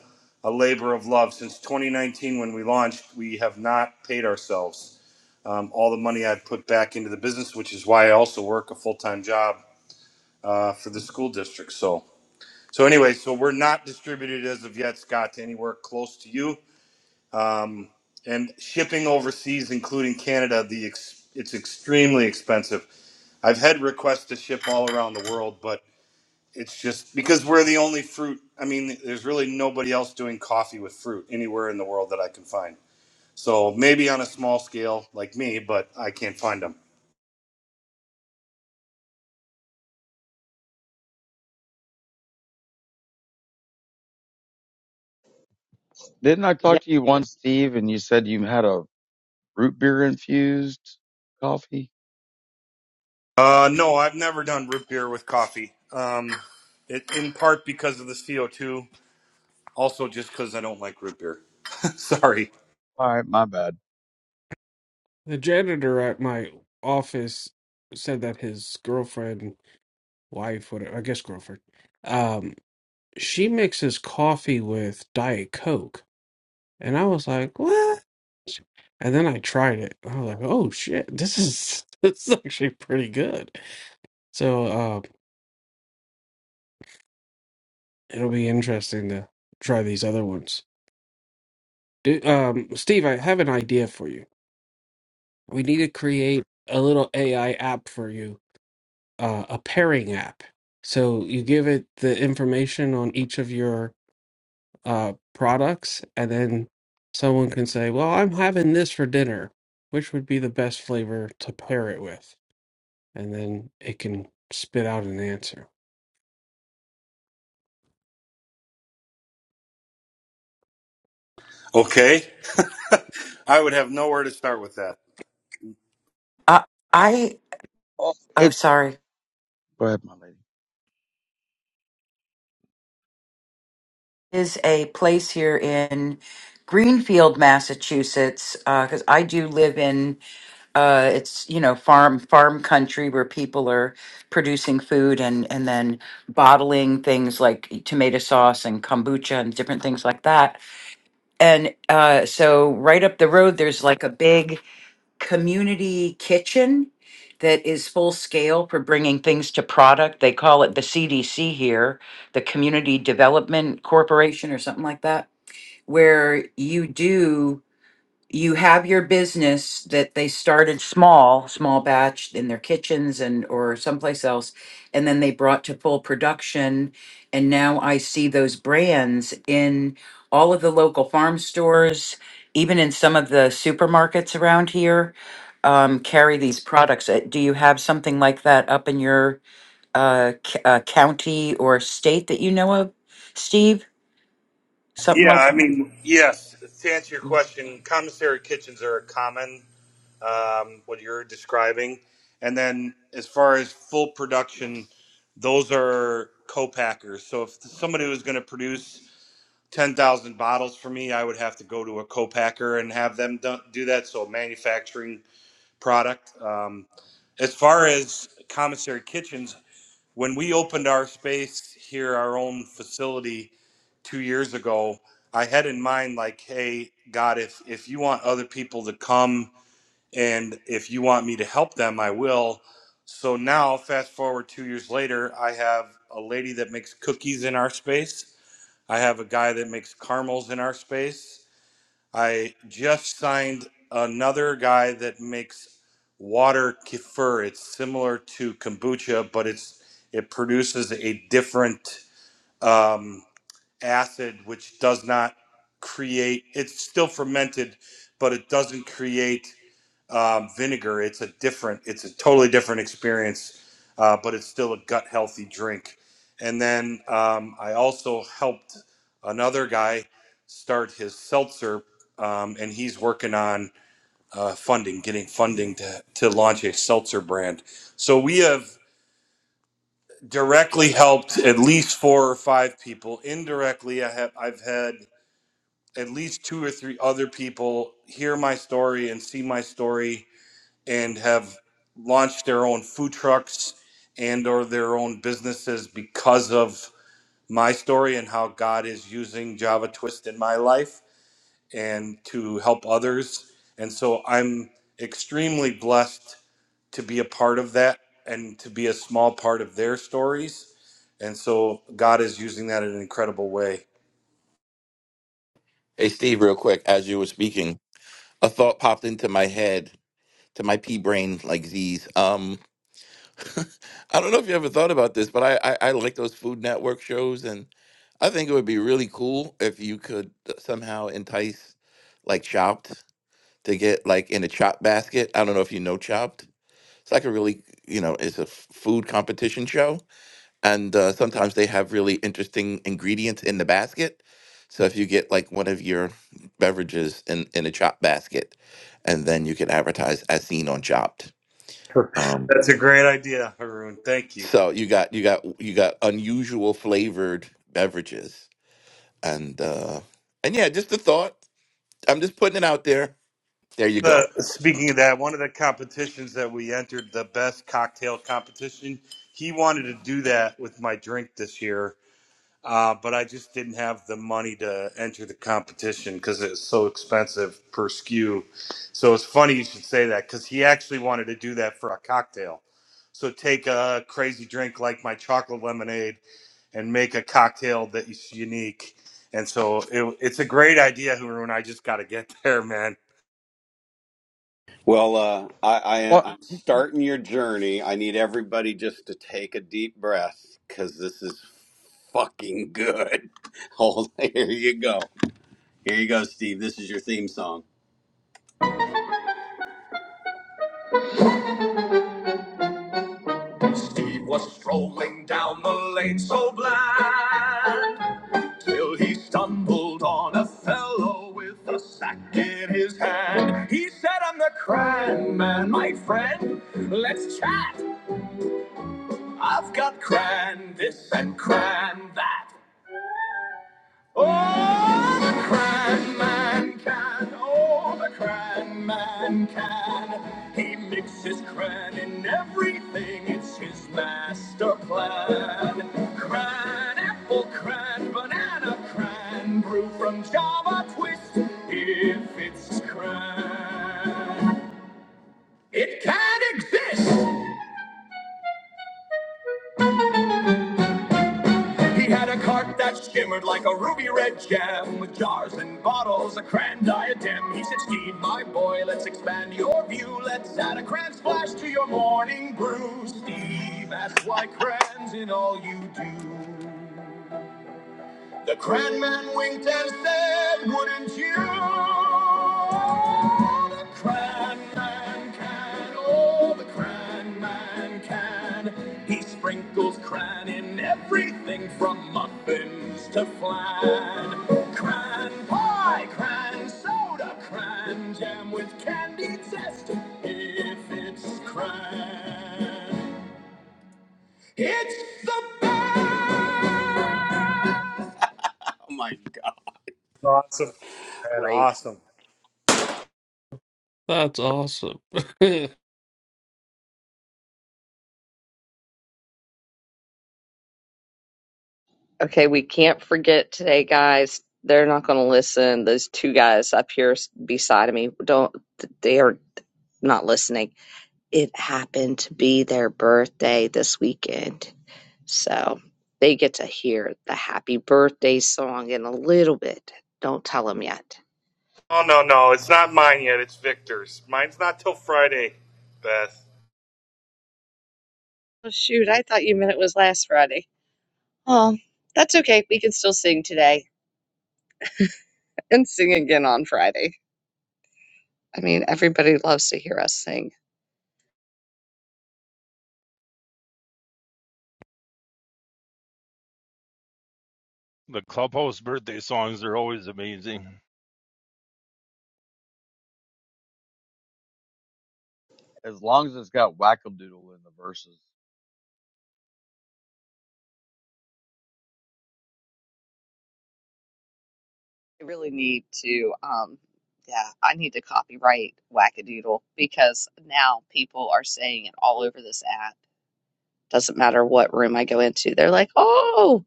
a labor of love. Since 2019, when we launched, we have not paid ourselves um, all the money I'd put back into the business, which is why I also work a full time job uh, for the school district. So so anyway, so we're not distributed as of yet, Scott, to anywhere close to you. Um, and shipping overseas, including Canada, the ex- it's extremely expensive. I've had requests to ship all around the world, but it's just because we're the only fruit. I mean, there's really nobody else doing coffee with fruit anywhere in the world that I can find. So maybe on a small scale like me, but I can't find them. Didn't I Yeah, talk to you once, Steve, and you said you had a root beer infused coffee? Uh, no, I've never done root beer with coffee. Um, it, in part because of the CO2, also just because I don't like root beer. [laughs] Sorry. All right, my bad. the janitor at my office said that his girlfriend, wife, whatever I guess girlfriend, um, she mixes coffee with Diet Coke. And I was like, what? And then I tried it. I was like, oh shit, this is [laughs] this is actually pretty good. So uh, it'll be interesting to try these other ones. Do, um, Steve, I have an idea for you. We need to create a little AI app for you, uh, a pairing app. So you give it the information on each of your uh, products, and then someone can say, well, I'm having this for dinner. Which would be the best flavor to pair it with? and then it can spit out an answer. Okay. [laughs] I would have nowhere to start with that. I, Oh, oh, it's sorry, go ahead, my lady. is a place here in Greenfield, Massachusetts, because I do live in. uh, it's you know farm farm country where people are producing food and and then bottling things like tomato sauce and kombucha and different things like that and uh, so right up the road there's like a big community kitchen that is full scale for bringing things to product they call it the cdc here the community development corporation or something like that where you do you have your business that they started small, small batch in their kitchens and or someplace else, and then they brought to full production. And now I see those brands in all of the local farm stores, even in some of the supermarkets around here, um, carry these products. Uh, Do you have something like that up in your uh, c- uh, county or state that you know of, Steve? Something Yeah, like. I mean, yes. To answer your Uh, question, commissary kitchens are a common. um, what you're describing. And then as far as full production, those are co-packers. So if somebody was going to produce 10,000 bottles for me, I would have to go to a co-packer and have them do that. So a manufacturing product. Um, as far as commissary kitchens, when we opened our space here, our own facility two years ago, I had in mind like, hey, God, if if you want other people to come and if you want me to help them, I will. So now, fast forward two years later, I have a lady that makes cookies in our space. I have a guy that makes caramels in our space. I just signed another guy that makes water kefir. It's similar to kombucha, but it's it produces a different um, acid, which does not create. It's still fermented, but it doesn't create um, vinegar. It's a different, it's a totally different experience, uh, but it's still a gut healthy drink. And then um, I also helped another guy start his seltzer, um, and he's working on uh, funding, getting funding to, to launch a seltzer brand. So we have directly helped at least four or five people. Indirectly, I have I've had at least two or three other people hear my story and see my story and have launched their own food trucks and or their own businesses because of my story and how God is using Java Twist in my life and to help others. And so I'm extremely blessed to be a part of that and to be a small part of their stories. And so God is using that in an incredible way. Hey, Steve, real quick, as you were speaking, a thought popped into my head, to my pea brain, like Z's. Um, I don't know if you ever thought about this, but I, I, I like those Food Network shows, and I think it would be really cool if you could uh, somehow entice, like, Chopped to get, like, in a Chopped basket. I don't know if you know Chopped. It's like a really, you know, it's a f- food competition show and uh, sometimes they have really interesting ingredients in the basket. So if you get like one of your beverages in in a chopped basket, and then you can advertise as seen on Chopped. Um, That's a great idea, Haroon. Thank you. so you got you got you got unusual flavored beverages, and uh, and yeah, just a thought. I'm just putting it out there. There you Uh, go. speaking of that, one of the competitions that we entered, the best cocktail competition, he wanted to do that with my drink this year, uh, but I just didn't have the money to enter the competition because it's so expensive per skew. So it's funny you should say that because he actually wanted to do that for a cocktail. So take a crazy drink like my chocolate lemonade and make a cocktail that is unique. And so it, it's a great idea, Haroon. I just got to get [laughs] there, man. Well, uh, I, Well, I I'm starting your journey. I need everybody just to take a deep breath, because this is fucking good. [laughs] Hold, here you go. Here you go, Steve. This is your theme song. Steve was strolling down the lane so bland, till he stumbled on a fellow with a sack in his hand. He said, I'm the Cran Man, my friend. Let's chat. I've got Cran this and Cran that. Oh, the crying man can. Oh, the crying man can. He mixes crying in everything. It's his master plan. Crying apple, crying banana, crying brew from Java Twist. If it's crying, it can exist. He had a cart that shimmered like a ruby red gem with jars and bottles, a crayon diadem. He said, Steve, my boy, let's expand your view. Let's add a cran splash to your morning brew. Steve, that's why crayons in all you do. The grand man winked and said, Wouldn't you? The grand man can, oh, the grand man can. He sprinkles cran in everything from muffins to flan. Cran pie, cran soda, cran jam with candy zest. If it's cran, it's the best. Oh my God. Awesome. And great. awesome. That's awesome. [laughs] you Okay, we can't forget today, guys. They're not going to listen. Those two guys up here s- beside of me don't, they are not listening. It happened to be their birthday this weekend. So they get to hear the happy birthday song in a little bit. Don't tell them yet. Oh no, no, it's not mine yet. It's Victor's. Mine's not till Friday, Beth. Oh, shoot, I thought you meant it was last Friday. Oh, that's okay. We can still sing today and sing again on Friday. I mean, everybody loves to hear us sing. The clubhouse birthday songs are always amazing. [laughs] as long as it's got wackadoodle in the verses. I really need to, um, yeah, I need to copyright Wackadoodle because now people are saying it all over this app. Doesn't matter what room I go into, they're like, oh,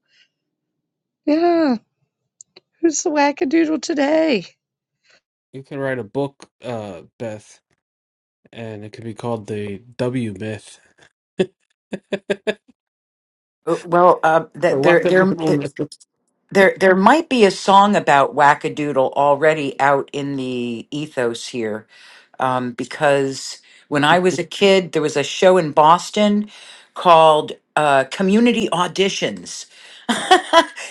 yeah, who's the Wackadoodle today? can write a book, uh, Beth, and it could be called the W Myth Well, uh, The that they're they're Wackadoodle Myth. There, there might be a song about wackadoodle already out in the ethos here, um, because when I was a kid, there was a show in Boston called uh, Community Auditions. [laughs]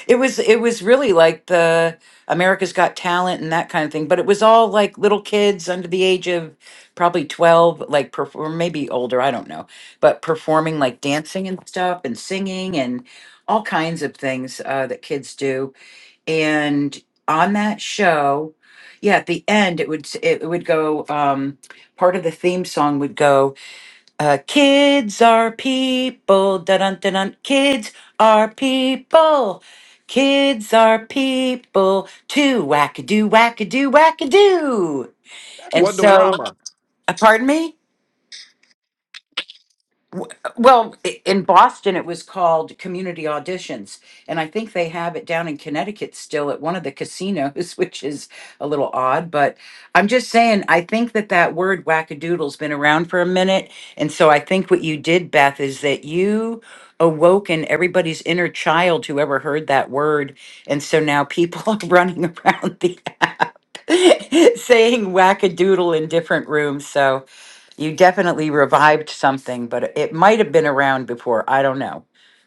it was, it was really like the America's Got Talent and that kind of thing, but it was all like little kids under the age of probably twelve, like perform, maybe older, I don't know, but performing like dancing and stuff and singing and all kinds of things uh, that kids do and on that show yeah at the end it would it would go um part of the theme song would go uh kids are people dun dun dun dun. kids are people kids are people too wackadoo wackadoo wackadoo and so Wonderama. uh, pardon me W- Well, i- in Boston, it was called community auditions, and I think they have it down in Connecticut still at one of the casinos, [laughs] which is a little odd. But I'm just saying, I think that that word wackadoodle's been around for a minute, and so I think what you did, Beth, is that you awoken everybody's inner child who ever heard that word, and so now people [laughs] are running around the app [laughs] saying wackadoodle in different rooms. So. You definitely revived something, but it might have been around before. I don't know.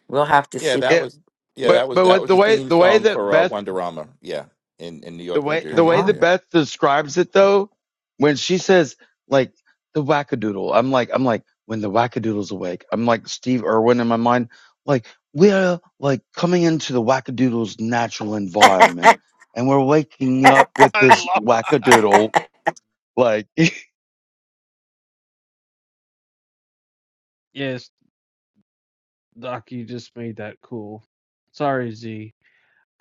We'll have to Yeah, see. that Yeah, was yeah Yeah, but that was but that what was the the way theme the way song that for uh, Beth Wonderama. Yeah, in in New The York, New way they're the Jersey way that area. wrong. [laughs] Beth describes it though, when she says like the wackadoodle, I'm like I'm like when the wackadoodle's awake, I'm like Steve Irwin in my mind, like we're like coming into the wackadoodle's natural environment, and we're waking up with I this love wackadoodle. Like [laughs] Yes, Doc, you just made that cool. Sorry, Z.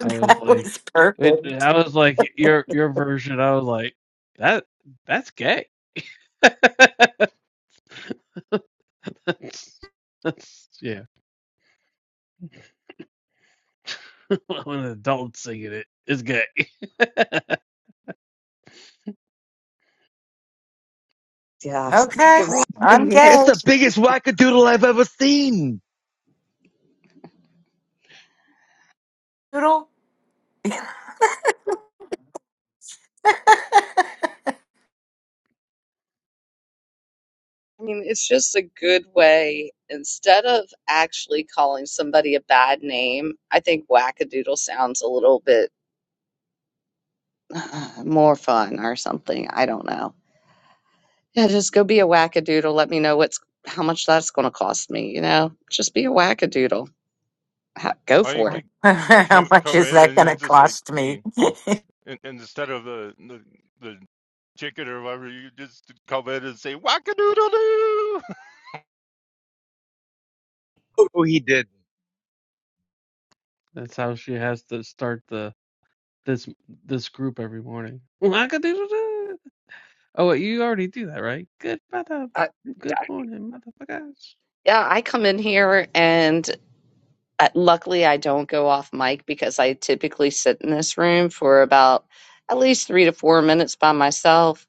I was That was like, wait, perfect. I was like your your version. I was like, that that's gay. [laughs] that's, that's yeah. [laughs] when an adult singing it, it is gay. [laughs] Yeah. [laughs] Okay, I'm Mm. I it's gay. the biggest [laughs] wackadoodle I've ever seen. Doodle. [laughs] [laughs] mean, it's just a good way. Instead of actually calling somebody a bad name, I think wackadoodle sounds a little bit [sighs] uh, more fun or something. I don't know. Yeah, just go be a wackadoodle. Let me know what's how much that's going to cost me. You know, just be a wackadoodle. Ha- Go it. Or you for it. could How come much come is in that and going to it's just like cost me? be [laughs] and, and instead of the, the the chicken or whatever, you just come in and say wackadoodledoo. [laughs] Oh, he did. That's how she has to start the this this group every morning. [laughs] Oh, wait, you already do that, right? Good mother, Uh, good morning, motherfuckers. yeah, I come in here and uh, luckily I don't go off mic because I typically sit in this room for about at least three to four minutes by myself,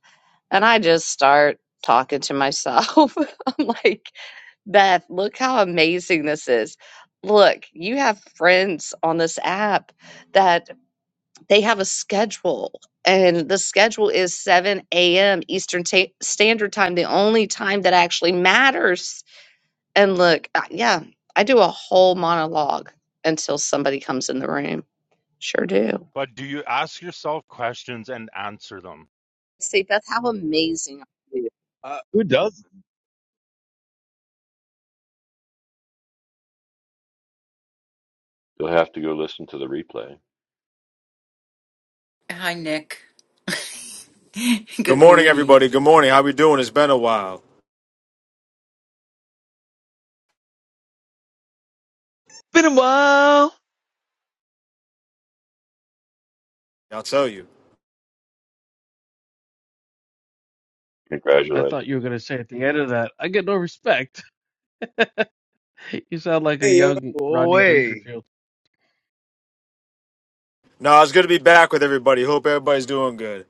and I just start talking to myself. [laughs] I'm like, Beth, look how amazing this is. Look, you have friends on this app that they have a schedule and the schedule is 7 a.m eastern ta- standard time the only time that actually matters and look I- yeah i do a whole monologue until somebody comes in the room sure do But do you ask yourself questions and answer them? see beth how amazing are you uh, Who does? You'll have to go listen to the replay. Hi, Nick. [laughs] Good Good morning, morning. everybody. Good morning. How we doing? It's been a while. Been a while. I'll tell you. I thought you were Congratulations. going to say at the end of that, I get no respect. [laughs] You sound like a hey, yo, young Rodney Boy. Dangerfield. No, it's good to be back with everybody. Hope everybody's doing good.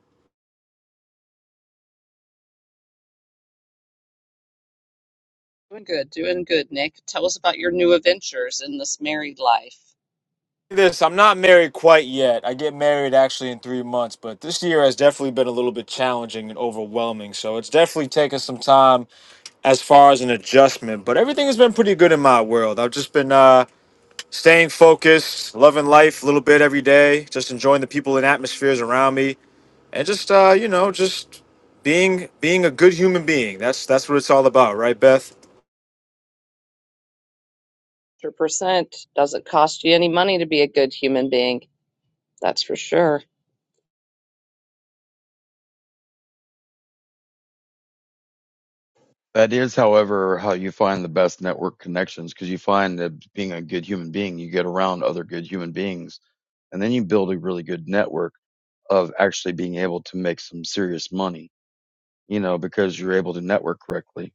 Doing good, doing good, Nick. Tell us about your new adventures in this married life. This, I'm not married quite yet. I get married actually in three months, but this year has definitely been a little bit challenging and overwhelming. So it's definitely taken some time as far as an adjustment. But everything has been pretty good in my world. I've just been uh, staying focused, loving life a little bit every day, just enjoying the people and atmospheres around me. and just uh, you know, just being being a good human being. That's that's what it's all about, right, Beth? 100% doesn't cost you any money to be a good human being. That's for sure. That is, however, how you find the best network connections because you find that being a good human being, you get around other good human beings, and then you build a really good network of actually being able to make some serious money, you know, because you're able to network correctly.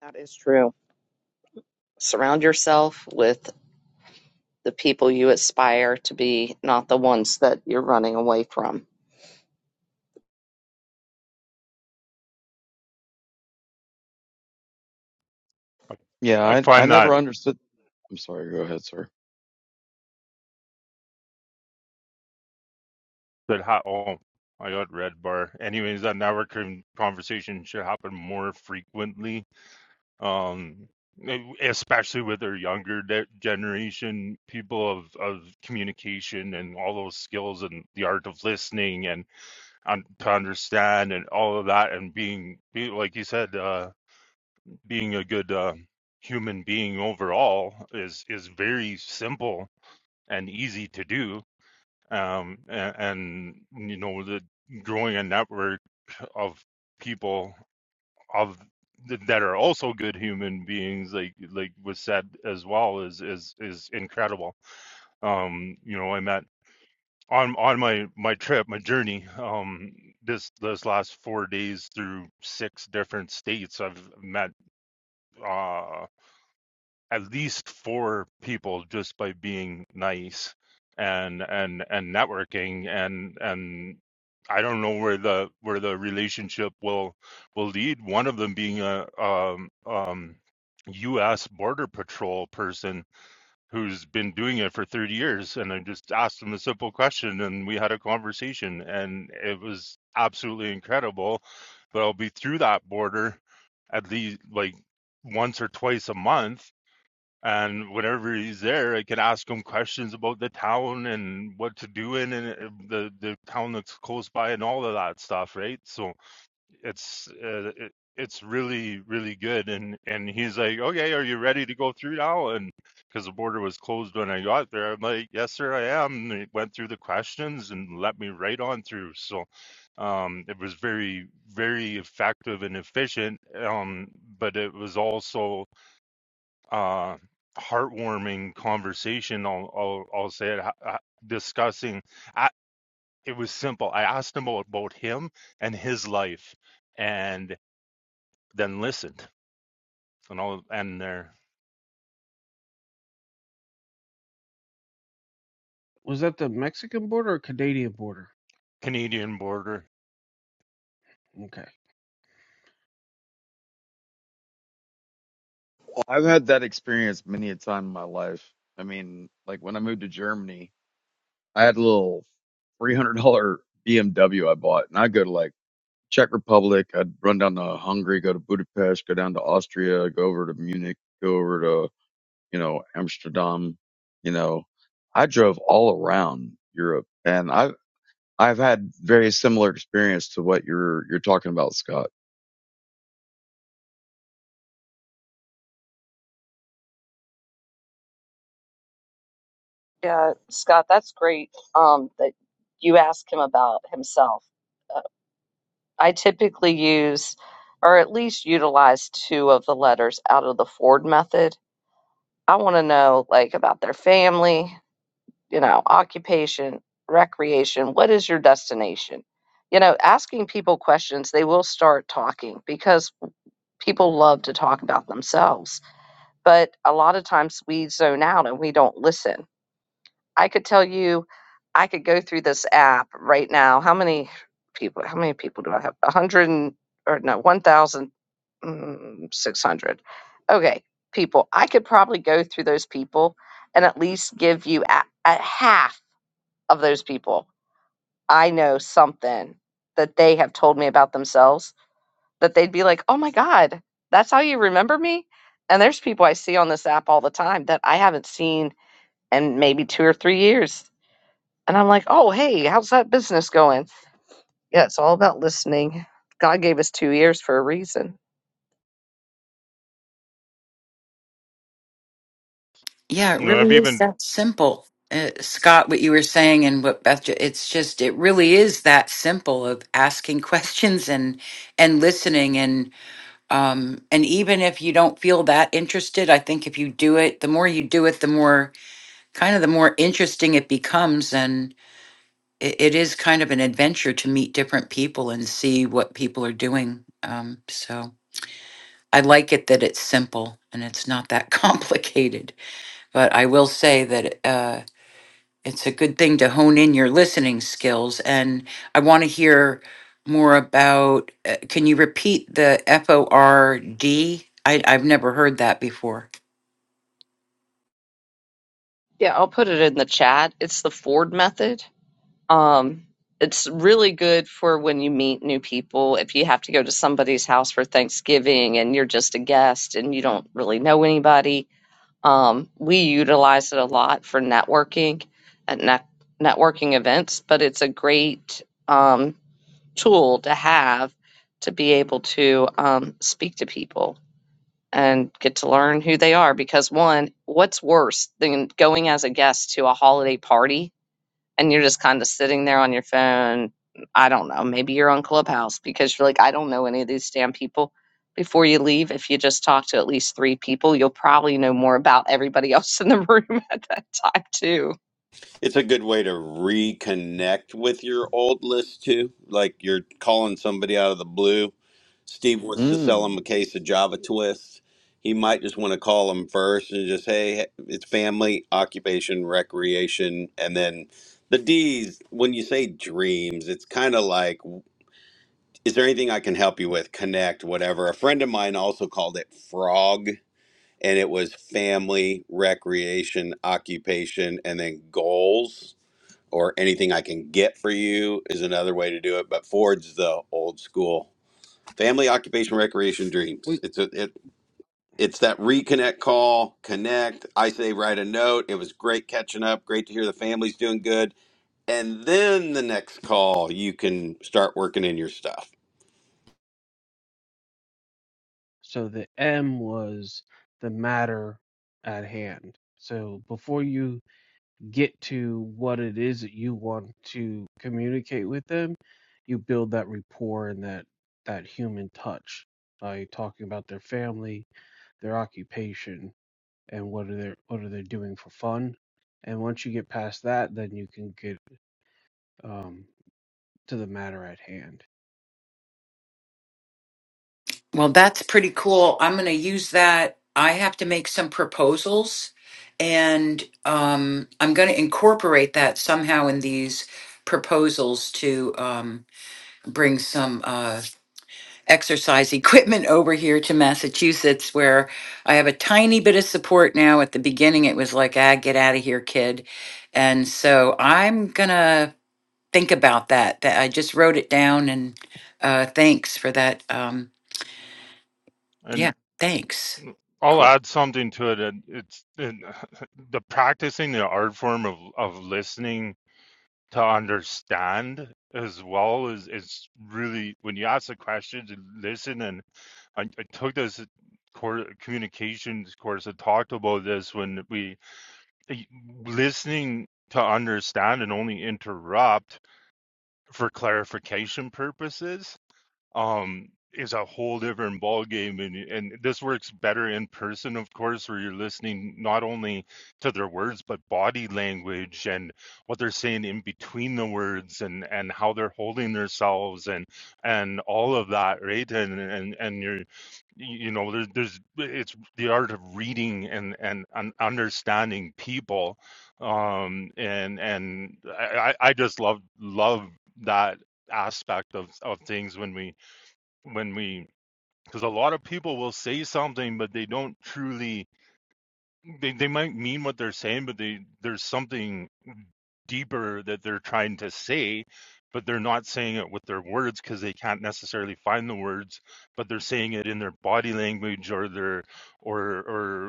that is true surround yourself with the people you aspire to be, not the ones that you're running away from. I, Yeah, I I, I find that never understood. I'm sorry, go ahead, sir. that ha- oh I got red bar. Anyways, that networking conversation should happen more frequently um, e- especially with their younger de- generation people of, of communication and all those skills and the art of listening and um, to understand and all of that and being, be, like you said, uh, being a good uh, human being overall is is very simple and easy to do. Um, and, and you know the growing a network of people of that are also good human beings like like was said as well is is is incredible um you know i met on on my my trip my journey um this this last four days through six different states i've met uh, at least four people just by being nice and and and networking and and I don't know where the where the relationship will will lead. One of them being a um, um, U.S. Border Patrol person who's been doing it for 30 years, and I just asked him a simple question, and we had a conversation, and it was absolutely incredible. But I'll be through that border at least like once or twice a month, and whenever he's there, I can ask him questions about the town and what to do in and uh, the the town that's close by and all of that stuff, right? So it's uh, it, it's really really good. And and he's like, okay, are you ready to go through now? And because the border was closed when I got there, I'm like, yes, sir, I am. And he went through the questions and let me right on through. So um, it was very very effective and efficient. Um, but it was also uh, heartwarming conversation. I'll, I'll, I'll say it, uh, discussing. I, it was simple. I asked him about, about him and his life, and then listened. And all and their Was that the Mexican border or Canadian border? Canadian border. Okay. Well, I've had that experience many a time in my life. I mean, like when I moved to Germany, I had a little $300 BMW I bought, and I go to like Czech Republic. I'd run down to Hungary, go to Budapest, go down to Austria, go over to Munich, go over to, you know, Amsterdam. You know, I drove all around Europe and I, have I've had very similar experience to what you're, you're talking about, Scott. Yeah, Scott, that's great um, that you ask him about himself. Uh, I typically use, or at least utilize, two of the letters out of the Ford method. I want to know, like, about their family, you know, occupation, recreation. What is your destination? You know, asking people questions, they will start talking because people love to talk about themselves. But a lot of times we zone out and we don't listen I could tell you, I could go through this app right now. How many people? How many people do I have? A hundred and- or no, one thousand mm, six hundred. Okay, people. I could probably go through those people and at least give you a, a half of those people. I know something that they have told me about themselves that they'd be like, "Oh my god, that's how you remember me." And there's people I see on this app all the time that I haven't seen in maybe two or three years and I'm like, oh, hey, how's that business going? Yeah, it's all about listening. God gave us two ears for a reason. Yeah, it You know, I've really is even that simple. Uh, Scott, what you were saying and what Beth, ju- it's just, it really is that simple of asking [laughs] questions and, and listening. Um, and even if you don't feel that interested, I think if you do it, the more you do it, the more kind of the more interesting it becomes. And it, it is kind of an adventure to meet different people and see what people are doing. Um, so I like it that it's simple and it's not that [laughs] complicated. But I will say that. Uh, it's a good thing to hone in your listening skills. And I want to hear more about. Uh, can you repeat the F O R D? I, I've never heard that before. Yeah, I'll put it in the chat. It's the Ford method. Um, it's really good for when you meet new people. If you have to go to somebody's house for Thanksgiving and you're just a guest and you don't really know anybody, um, we utilize it a lot for networking at net- networking events. But it's a great um, tool to have to be able to um, speak to people and get to learn who they are. Because, one, what's worse than going as a guest to a holiday party and you're just kind of sitting there on your phone? I don't know. Maybe you're on Clubhouse because you're like, I don't know any of these damn people. Before you leave, if you just talk to at least three people, you'll probably know more about everybody [laughs] else in the [laughs] room at that time, too. It's a good way to reconnect with your old list too. Like you're calling somebody out of the blue. Steve wants to sell him Mm. a case of Java Twist. He might just want to call him first and just, hey, it's family, occupation, recreation, and then the D's. When you say dreams, it's kind of like, is there anything I can help you with? Connect, whatever. A friend of mine also called it frog, and it was family, recreation, occupation, and then goals or anything I can get for you is another way to do it. But Ford's the old school family occupation recreation dreams. We It's a, it it's that reconnect call, connect. I say write a note. It was great catching up. Great to hear the family's doing good. And then the next call, you can start working in your stuff. So the M was the matter at hand. So before you get to what it is that you want to communicate with them, you build that rapport and that that human touch by talking about their family, their occupation, and what are they what are they doing for fun and once you get past that then you can get um, to the matter at hand Well, that's pretty cool. I'm going to use that. I have to make some proposals, and um, I'm going to incorporate that somehow in these proposals to um, bring some. Uh, exercise equipment over here to Massachusetts, where I have a tiny bit of support now. At the beginning, it was like, ah, get out of here, kid. And so I'm going to think about that. That I just wrote it down. And uh, thanks for that. Um, and yeah, thanks. I'll Cool. add something to it. and It's and [laughs] the practicing the art form of of listening to understand as well is is really when you ask the questions and listen and. I, I took this course, communications course and talked about this when we eh, listening to understand and only interrupt for clarification purposes um is a whole different ball game and and this works better in person of course where you're listening not only to their words but body language and what they're saying in between the words and and how they're holding themselves and and all of that right and and and you're you know there's there's it's the art of reading and and, and understanding people um and and I, I I just love love that aspect of of things when we when we because a lot of people will say something but they don't truly they, they might mean what they're saying but they there's something deeper that they're trying to say, but they're not saying it with their words because they can't necessarily find the words, but they're saying it in their body language or their or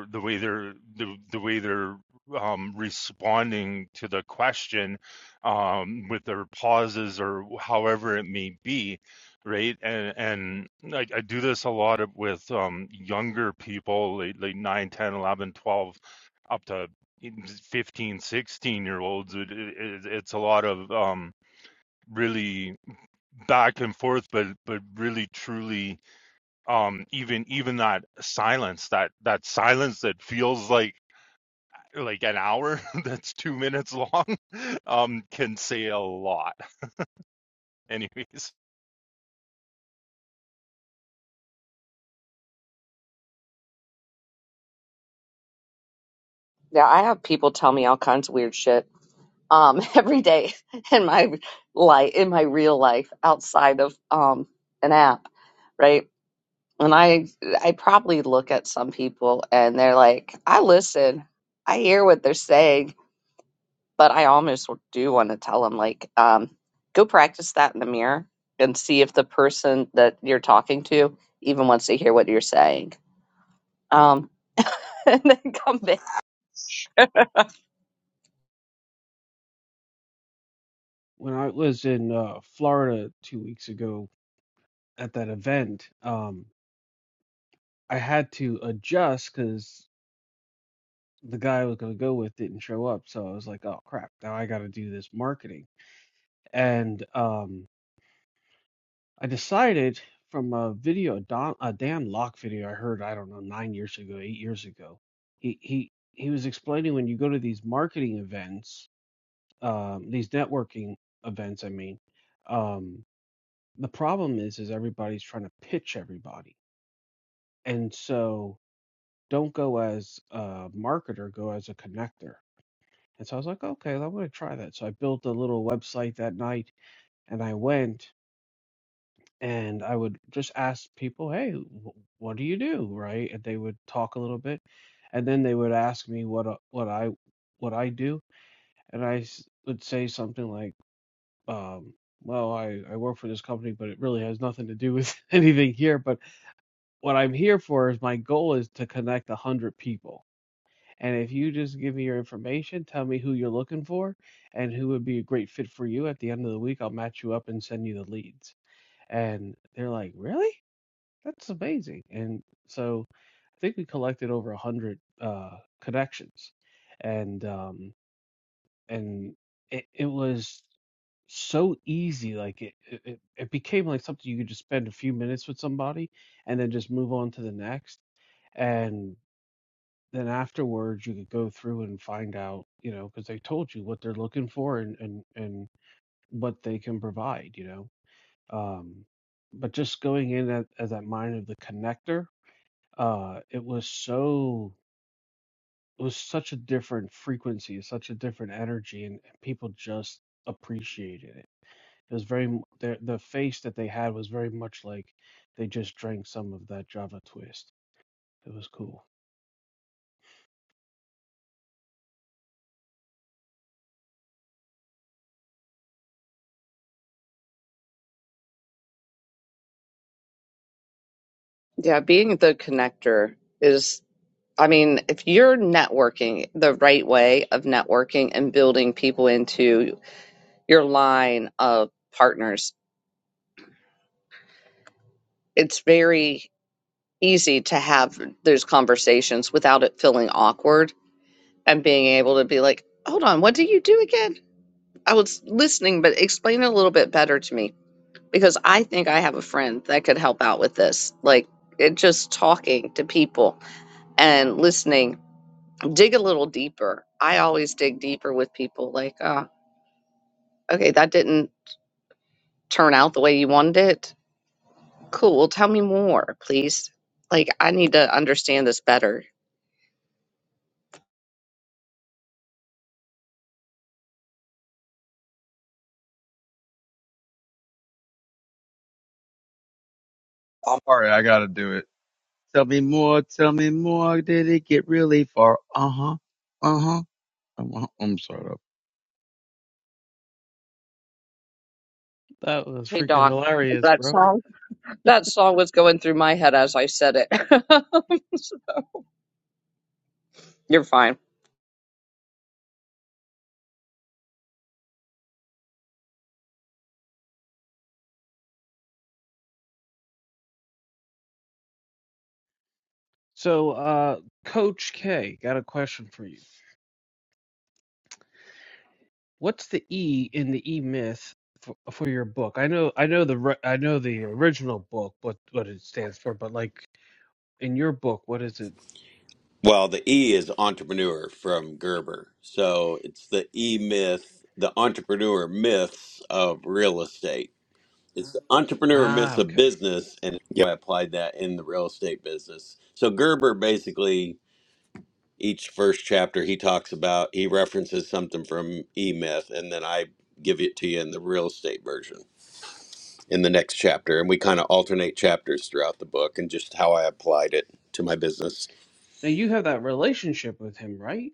or the way they're the, the way they're um, responding to the question um, with their pauses or however it may be. Right, and and I, I do this a lot with um, younger people, like, like 9, ten, eleven, twelve, up to 1516 year olds it, it, it's a lot of um really back and forth but but really truly um even even that silence that that silence that feels like like an hour [laughs] that's two minutes long um can say a lot [laughs] anyways Yeah, I have people tell me all kinds of weird shit um, [laughs] every day in my life, in my real life, outside of um, an app, right? And I, I probably look at some people and they're like, I listen, I hear what they're saying, but I almost do want to tell them, like, um, go practice that in the mirror and see if the person that you're talking to even wants to hear what you're saying. Um, [laughs] and then come back. when i was in uh, florida two weeks ago at that event um, I had to adjust because the guy I was going to go with didn't show up. So I was like, oh crap, now I got to do this marketing. And um, I decided from a video, Don, a Dan Locke video I heard, I don't know, nine years ago, eight years ago, he, he, he was explaining when you go to these marketing events, um, these networking events, I mean, um, the problem is, is everybody's trying to pitch everybody. And so don't go as a marketer, go as a connector And so I was like, okay, I'm going to try that. So I built a little website that night and I went and I would just ask people, hey, wh- what do you do? Right. And they would talk a little bit. And then they would ask me what, uh, what I, what I do. And I s- would say something like, um, well, I, I work for this company, but it really has nothing to do with [laughs] anything here. But what I'm here for is my goal is to connect a hundred people And if you just give me your information, tell me who you're looking for and who would be a great fit for you, at the end of the week, I'll match you up and send you the leads. And they're like, "Really? That's amazing." And so I think we collected over 100 uh, connections. And um, and it, it was so easy like it, it it it became like something you could just spend a few minutes with somebody and then just move on to the next And then afterwards you could go through and find out you know because they told you what they're looking for and and and what they can provide you know um but just going in at, as that mind of the connector uh it was so it was such a different frequency such a different energy and, and people just appreciated it it was very m- the the face that they had was very much like they just drank some of that java twist it was cool Yeah, being the connector is. I mean, if you're networking the right way of networking and building people into your line of partners, it's very easy to have those conversations without it feeling awkward and being able to be like, hold on, what do you do again? I was listening, but explain it a little bit better to me because I think I have a friend that could help out with this. Like, it just talking to people and listening, dig a little deeper. I always dig deeper with people like, ah. okay, that didn't turn out the way you wanted it. Cool. Well, tell me more, please. Like, I need to understand this better. I'm sorry. I got to do it. Tell me more. Tell me more. Did it get really far? Uh huh. Uh huh. I'm, I'm sorry. All That was Hey, freaking Doc. hilarious, That bro. song, that song was going through my head as I said it. [laughs] You're fine. So, uh, Coach K, got a question for you. What's the E in the E Myth for, for your book? I know, I know the, ri- I know the original book, what what it stands for, but like in your book, what is it? Well, the E is entrepreneur from Gerber. So it's the E myth, the entrepreneur myths of real estate It's the entrepreneur Ah, myths of okay. business, and Yep. I applied that in the real estate business. So Gerber basically, each first chapter he talks about, he references something from E Myth, and then I give it to you in the real estate version in the next chapter, and we kind of alternate chapters throughout the book and just how I applied it to my business. Now you have that relationship with him, right?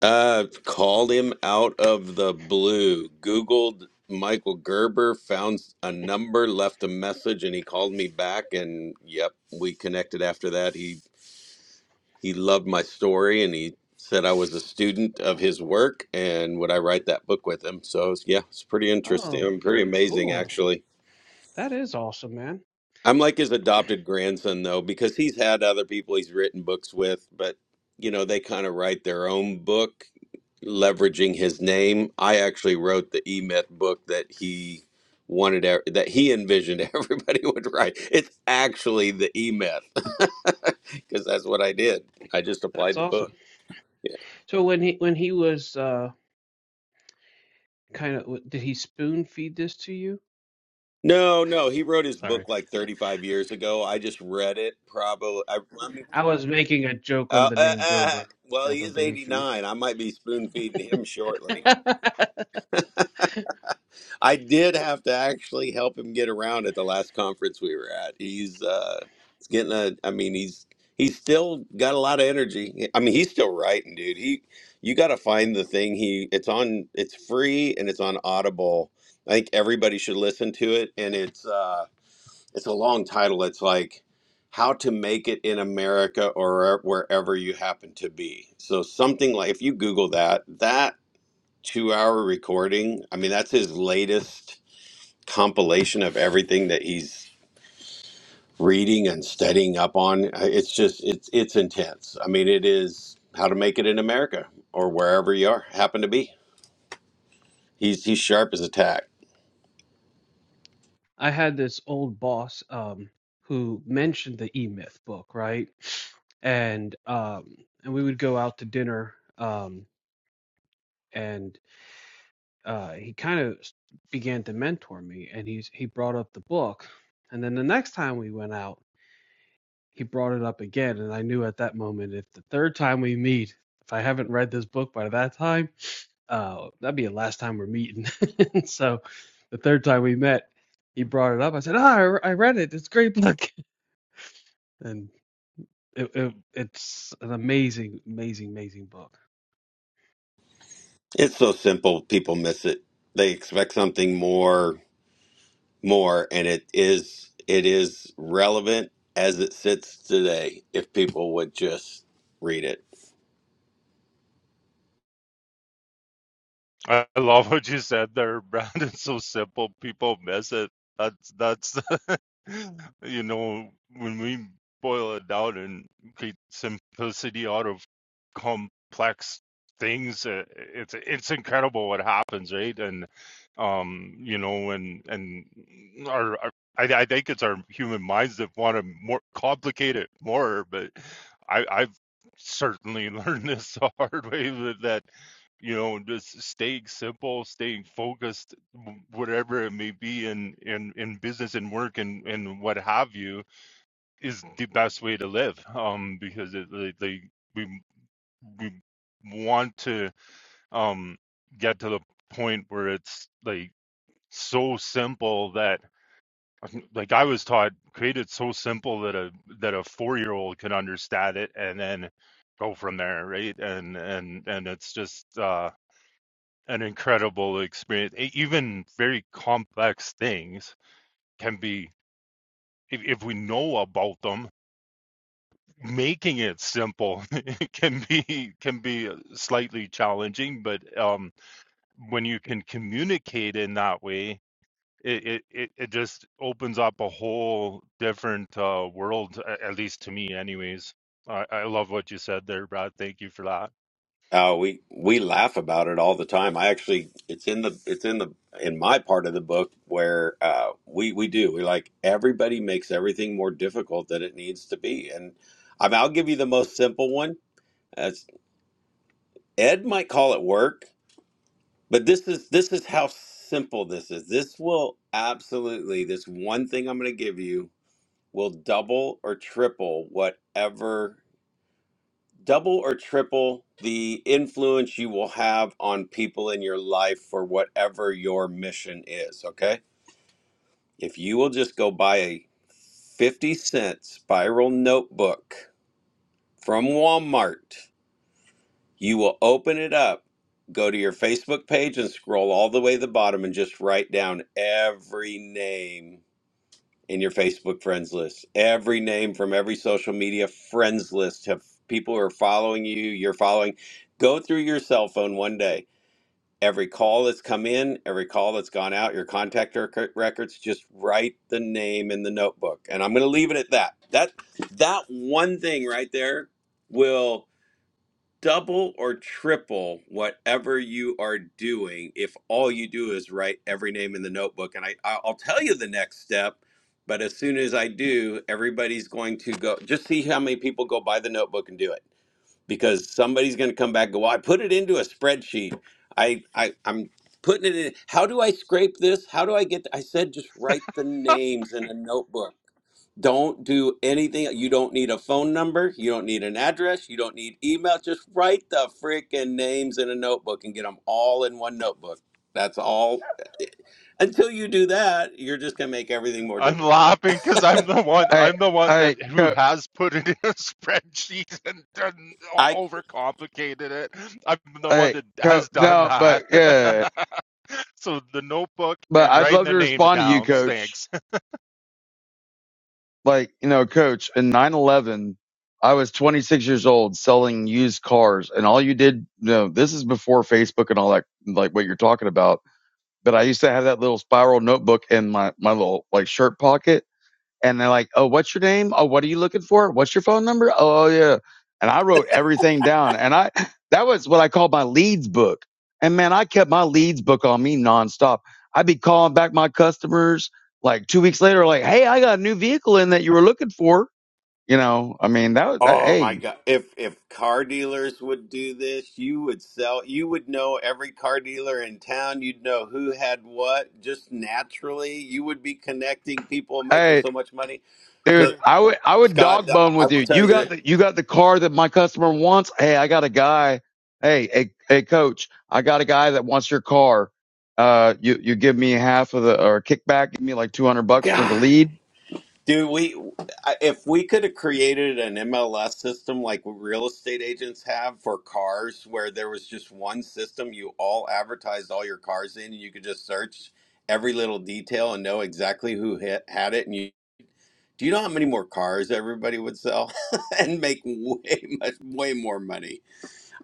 Uh, called him out of the blue. Googled Michael Gerber, found a number, left a message, and he called me back. And yep, we connected after that. He he loved my story, and he said I was a student of his work, and would I write that book with him? So it's- yeah, it's pretty interesting. Oh, and pretty very amazing, cool. actually. That is awesome, man. I'm like his adopted grandson though, because he's had other people he's written books with, but you know they kind of write their own book leveraging his name. I actually wrote the E Myth book that he wanted ev- that he envisioned [laughs] everybody would write. It's actually the E Myth [laughs] because that's what I did. I just That's applied the awesome. book. Yeah. So when he when he was uh kind of did he spoon feed this to you? No, no, he wrote his book Sorry. like 35 years ago. I just read it probably. I, I mean, I was making a joke on uh, the uh, name uh, Gerber. well, he Gerber is baby food. 89. I might be spoon feeding him shortly. [laughs] I I did have to actually help him get around at the last conference we were at. He's uh he's getting a I mean he's he's still got a lot of energy. I mean he's still writing, dude. He you got to find the thing he it's on it's free and it's on Audible. I think everybody should listen to it and it's uh it's a long title. It's like how to make it in America or wherever you happen to be. So something like if you google that, that 2-hour recording, I mean that's his latest compilation of everything that he's reading and studying up on. Uh, It's just it's it's intense. I mean, it is how to make it in America or wherever you are happen to be. He's he's sharp as a tack. had this old boss um who mentioned the E Myth book, right? And um and we would go out to dinner um and uh, he kind of began to mentor me, and he's he brought up the book, and then the next time we went out, he brought it up again, and I knew at that moment if the third time we meet, if I haven't read this book by that time, uh, that'd be the last time we're meeting. [laughs] so, the third time we met, he brought it up. I said, "Ah, I, read it. It's a great [laughs] book," and it, it, it's an amazing, amazing, amazing book. It's so simple, people miss it. They expect something more more and it is it is relevant as it sits today if people would just read it. I love what you said there, Brandon. [laughs] So simple, people miss it. That's that's [laughs] you know when we boil it down and create simplicity out of complex things, uh, it's it's incredible what happens, right? And um, you know, and and our, our I, I think it's our human minds that want to more complicate it more, but I, I've certainly [laughs] learned this the hard way that you know just staying simple staying focused w- whatever it may be in in in business and work and and what have you is the best way to live um because it like like, we we want to um get to the point where it's like so simple that like I was taught create it so simple that a that a 4-year-old can understand it and then go from there right and and and it's just uh an incredible experience. E- Even very complex things can be, if, if we know about them, making it simple [laughs] can be can be uh, slightly challenging. But um, when you can communicate in that way, it it, it just opens up a whole different uh, world. At least to me, anyways. I, I love what you said there, Brad. Thank you for that. Uh, we we laugh about it all the time. I actually, it's in the it's in the in my part of the book where uh, we we do we like everybody makes everything more difficult than it needs to be. And I mean, I'll give you the most simple one. As Ed might call it work, but this is this is how simple this is. This will absolutely this one thing I'm going to give you will double or triple whatever double or triple the influence you will have on people in your life for whatever your mission is, okay? If you will just go buy a 50 cent spiral notebook from Walmart, you will open it up, go to your Facebook page and scroll all the way to the bottom and just write down every name in your Facebook friends list. Every name from every social media friends list have people who are following you, you're following. Go through your cell phone one day. Every call that's come in, every call that's gone out, your contact rec- records, just write the name in the notebook. And I'm going to leave it at that. That that one thing right there will double or triple whatever you are doing if all you do is write every name in the notebook. And I, I- will tell you the next step, but as soon as I do, everybody's going to go just see how many people go buy the notebook and do it because somebody's going to come back and go, well, I put it into a spreadsheet. I, I, I'm putting it in. How do I scrape this? How do I get? th-" I said, just write the names in a notebook. Don't do anything. You don't need a phone number. You don't need an address. You don't need email. Just write the freaking names in a notebook and get them all in one notebook. That's all. Until you do that, you're just going to make everything more I'm difficult. laughing because I'm the one. right. I'm the All one right. that who Co- has put it in a [laughs] spreadsheet and done I overcomplicated it. I'm the all one right. that Co- has done no, that. but yeah. [laughs] so the notebook But and I'd writing love the to names respond to you, down coach. stinks. Like, you know, coach, in 9 11, I was 26 years old selling used cars. And all you did, you know, this is before Facebook and all that, like what you're talking about. But I used to have that little spiral notebook in my, my little like shirt pocket and they're like, "Oh, what's your name? Oh, what are you looking for? What's your phone number? Oh, yeah." And I wrote everything down, and I [laughs] that was what I called my leads book. And man, I kept my leads book on me nonstop. I'd be calling back my customers like two weeks later, like, "Hey, I got a new vehicle in that you were looking for." You know, I mean, that was that. oh my Hey, god, if if car dealers would do this, you would sell you would know every car dealer in town. You'd know who had what just naturally. You would be connecting people making hey. so much money. Dude, So I would I would Scott, dog bone I with will you. tell You got you the you got the car that my customer wants. Hey, I got a guy. Hey, hey, hey, coach, I got a guy that wants your car. Uh, you you give me half of the or kickback, give me like two hundred bucks for that. the lead, Dude, we if we could have created an MLS system like real estate agents have for cars, where there was just one system you all advertised all your cars in, and you could just search every little detail and know exactly who hit, had it. And you, do you know how many more cars everybody would sell [laughs] and make way much, way more money?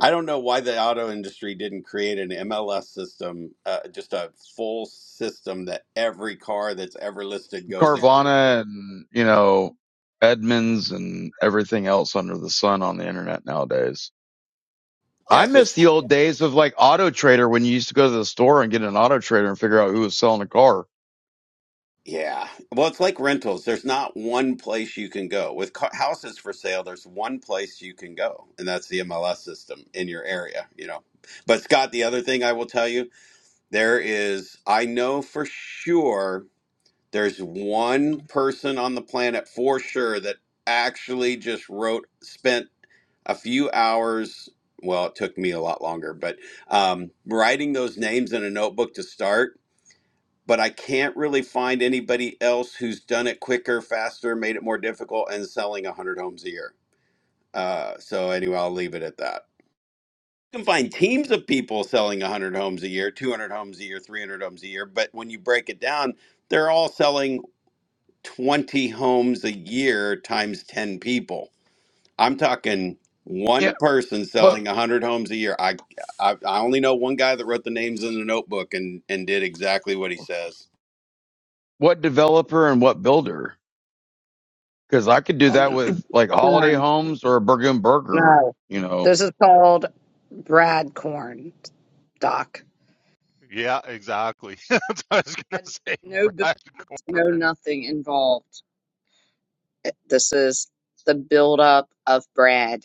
I don't know why the auto industry didn't create an MLS system, uh, just a full system that every car that's ever listed goes in. Carvana, and you know Edmunds and everything else under the sun on the internet nowadays. Yeah, I miss so the old days of like Auto Trader when you used to go to the store and get an Auto Trader and figure out who was selling a car. Yeah. Well, it's like rentals. There's not one place you can go. With ca- houses for sale, there's one place you can go, and that's the MLS system in your area, you know. But Scott, the other thing I will tell you, there is, I know for sure there's one person on the planet for sure that actually just wrote, spent a few hours. Well, it took me a lot longer, but um, writing those names in a notebook to start but I can't really find anybody else who's done it quicker, faster, made it more difficult, and selling 100 homes a year. Uh, so, anyway, I'll leave it at that. You can find teams of people selling 100 homes a year, 200 homes a year, 300 homes a year, but when you break it down, they're all selling 20 homes a year times 10 people. I'm talking Yeah, one person but selling 100 homes a year. I, I, I only know one guy that wrote the names in the notebook and, and did exactly what he says. what developer and what builder? Because I could do that Called with like Holiday corn. Homes or a Burger and Burger, No, you know. this is called Brad Corn, Doc. [laughs] yeah, exactly. [laughs] That's what I was gonna Had say, no business, Brad no Corn. nothing involved. This is the buildup of Brad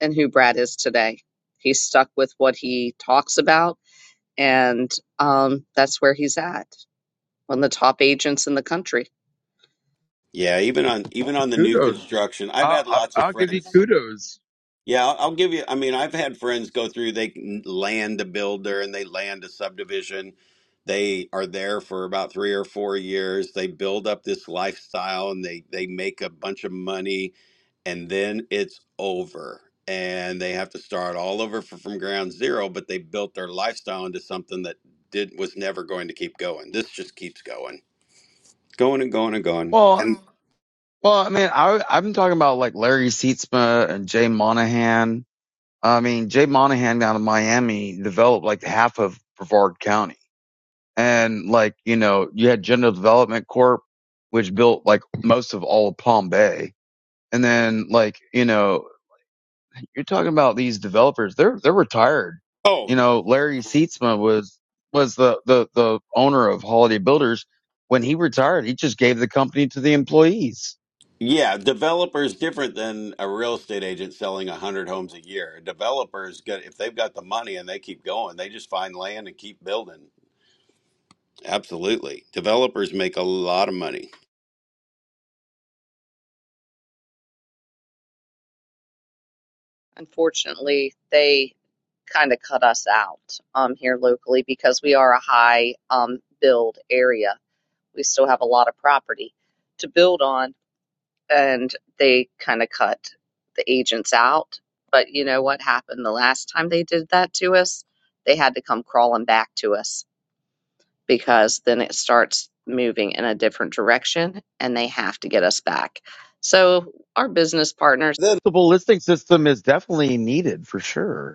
and who Brad is today. He's stuck with what he talks about, and um, that's where he's at. One of the top agents in the country. Yeah, even on even Oh, on the new Kudos. construction, I've i had I'll lots of I'll give you friends. kudos. Yeah, I'll, I'll give you. I mean, I've had friends go through. They can land a builder and they land a subdivision. They are there for about three or four years. They build up this lifestyle and they they make a bunch of money, and then it's over. And they have to start all over for, from ground zero. But they built their lifestyle into something that did was never going to keep going. This just keeps going, going and going and going. Well, And well, I mean, I, I've been talking about like Larry Sietzma and Jay Monahan. I mean, Jay Monahan down in Miami developed like half of Brevard County. And like, you know, you had General Development Corp, which built like most of all of Palm Bay. And then like, you know, you're talking about these developers. They're they're retired. oh You know, Larry Seatsma was was the the the owner of Holiday Builders. When he retired, he just gave the company to the employees. Yeah, developer is different than a real estate agent selling 100 homes a year. A developer's got if they've got the money and they keep going, they just find land and keep building. Absolutely. Developers make a lot of money. Unfortunately, they kind of cut us out um, here locally because we are a high um, build area. We still have a lot of property to build on and they kind of cut the agents out. But you know what happened the last time they did that to us? They had to come crawling back to us because then it starts moving in a different direction and they have to get us back. So our business partners, Then Multiple listing system is definitely needed for sure.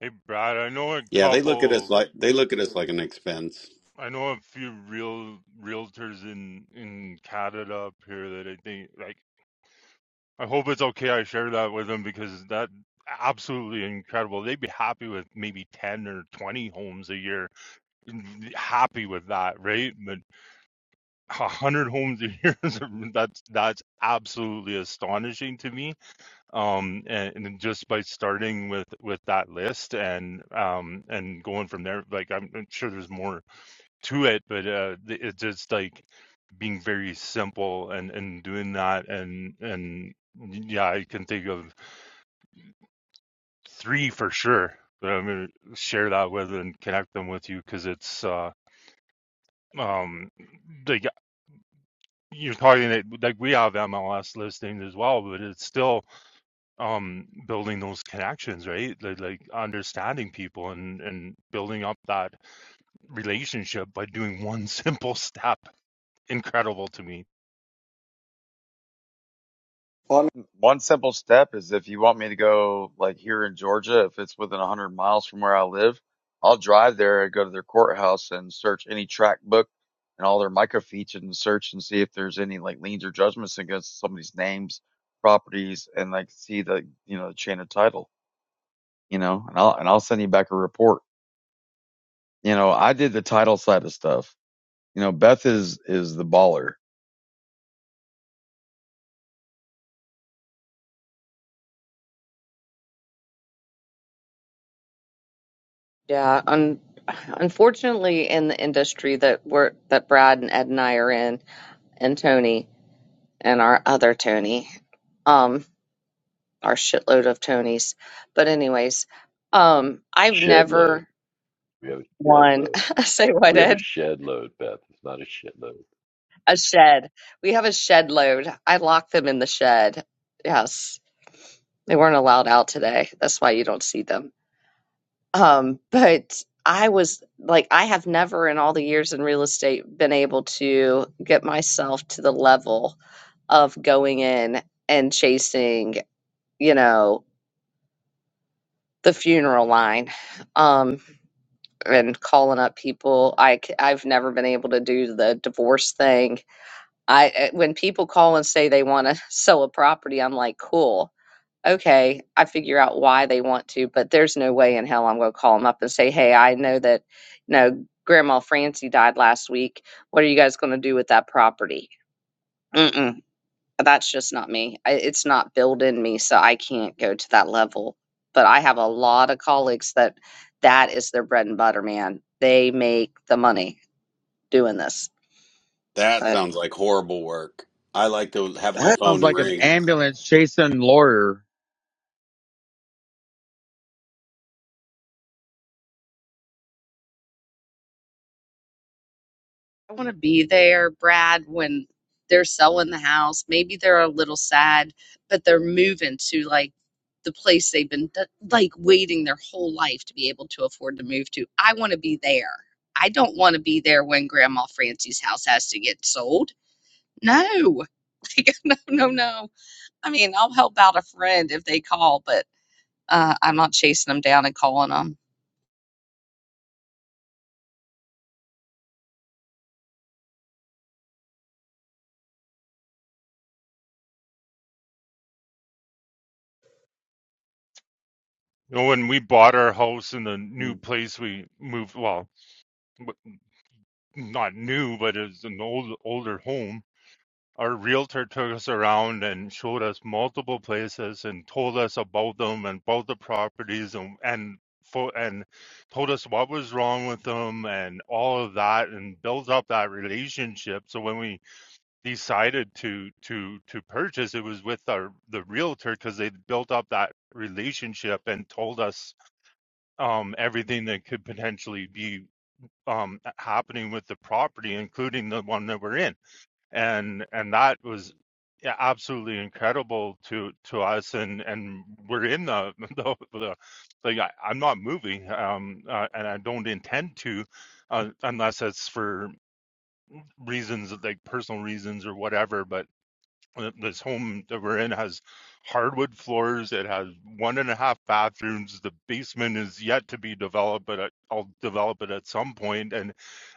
Hey, Brad. I know a Yeah, they look at us couple. like they look at us like an expense. I know a few real realtors in in Canada up here that I think like I hope it's okay I share that with them because that absolutely incredible. They'd be happy with maybe 10 or 20 homes a year. Mm, Happy with that, right? But 100 homes a year is [laughs] that's that's absolutely astonishing to me. Um and, and just by starting with with that list and um and going from there like I'm I'm sure there's more to it, but uh th- it's just like being very simple and and doing that and and yeah, I can think of three for sure but I'm going to share that with and connect them with you because it's uh um like you're talking that like we have MLS listings as well, but it's still um building those connections, right? Like like understanding people and and building up that relationship by doing one [laughs] simple step. Incredible to me. On One simple step is if you want me to go like here in Georgia, if it's within 100 miles from where I live, I'll drive there and go to their courthouse and search any track book and all their microfiche and search and see if there's any like liens or judgments against somebody's names, properties, and like see the, you know, the chain of title, you know, and I'll, and I'll send you back a report. You know, I did the title side of stuff. You know, Beth is, is the baller. yeah, un- unfortunately in the industry that we're that Brad and Ed and I are in and Tony and our other Tony, um, our shitload of Tonys. But anyways, um, I've Shed load. never We have a shed won. load. [laughs] Say what, We have a Ed? shed load, Beth. It's not a shit load. A shed. We have a shed load. I locked them in the shed. Yes, they weren't allowed out today. That's why you don't see them. Um, but I was like, I have never in all the years in real estate been able to get myself to the level of going in and chasing, you know, the funeral line. Um, and calling up people. I have never been able to do the divorce thing. I eh, when people call and say they want to [laughs] sell a property, I'm like, cool. Okay, I figure out why they want to, but there's no way in hell I'm going to call them up and say, "Hey, I know that, you know, Grandma Francie died last week. What are you guys going to do with that property?" Mm-mm that's just not me. I it's not built in me, so I can't go to that level. But I have a lot of colleagues that that is their bread and butter, man. They make the money doing this. That But sounds like horrible work. I like to have my heck, Sounds phone like an ring. ambulance chasing lawyer. I want to be there, Brad, when they're selling the house. Maybe they're a little sad, but they're moving to like the place they've been th- like waiting their whole life to be able to afford to move to. I want to be there. I don't want to be there when Grandma Francie's house has to get sold. no, [laughs] like, no, no, no. I mean, I'll help out a friend if they call, but uh, I'm not chasing them down and calling them. You know, when we bought our house in the new place we moved, well, not new, but it's an old older home Our realtor took us around and showed us multiple places and told us about them and about the properties and and for and told us what was wrong with them and all of that and built up that relationship. So when we decided to to to purchase, it was with our the realtor because they built up that relationship and told us um, everything that could potentially be um, happening with the property, including the one that we're in and and that was yeah, absolutely incredible to to us and and we're in the [laughs] the, the like I, i'm not moving um uh, and i don't intend to uh, unless it's for reasons like personal reasons or whatever but uh, this home that we're in has hardwood floors. It has one and a half bathrooms. The basement is yet to be developed, but uh, I'll develop it at some point. And,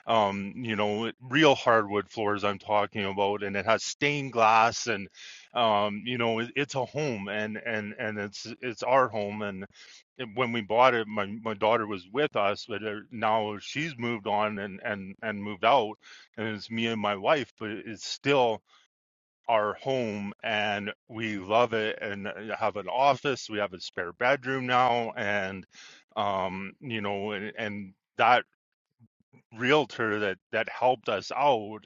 um, you know, real hardwood floors I'm talking about, and it has stained glass and, um, you know, it, it's a home and, and, and it's, it's our home. And, when we bought it, my, my daughter was with us, but uh, now she's moved on and, and, and moved out and it's me and my wife, but it's still, our home and we love it and have an office we have a spare bedroom now and um you know and, and that realtor that that helped us out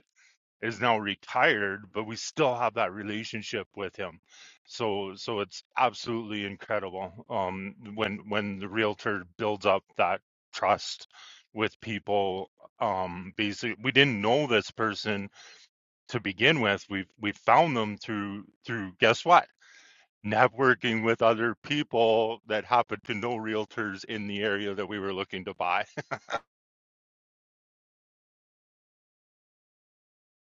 is now retired but we still have that relationship with him so so it's absolutely incredible um when when the realtor builds up that trust with people um basically we didn't know this person to begin with we've we've found them through through guess what networking with other people that happen to know realtors in the area that we were looking to buy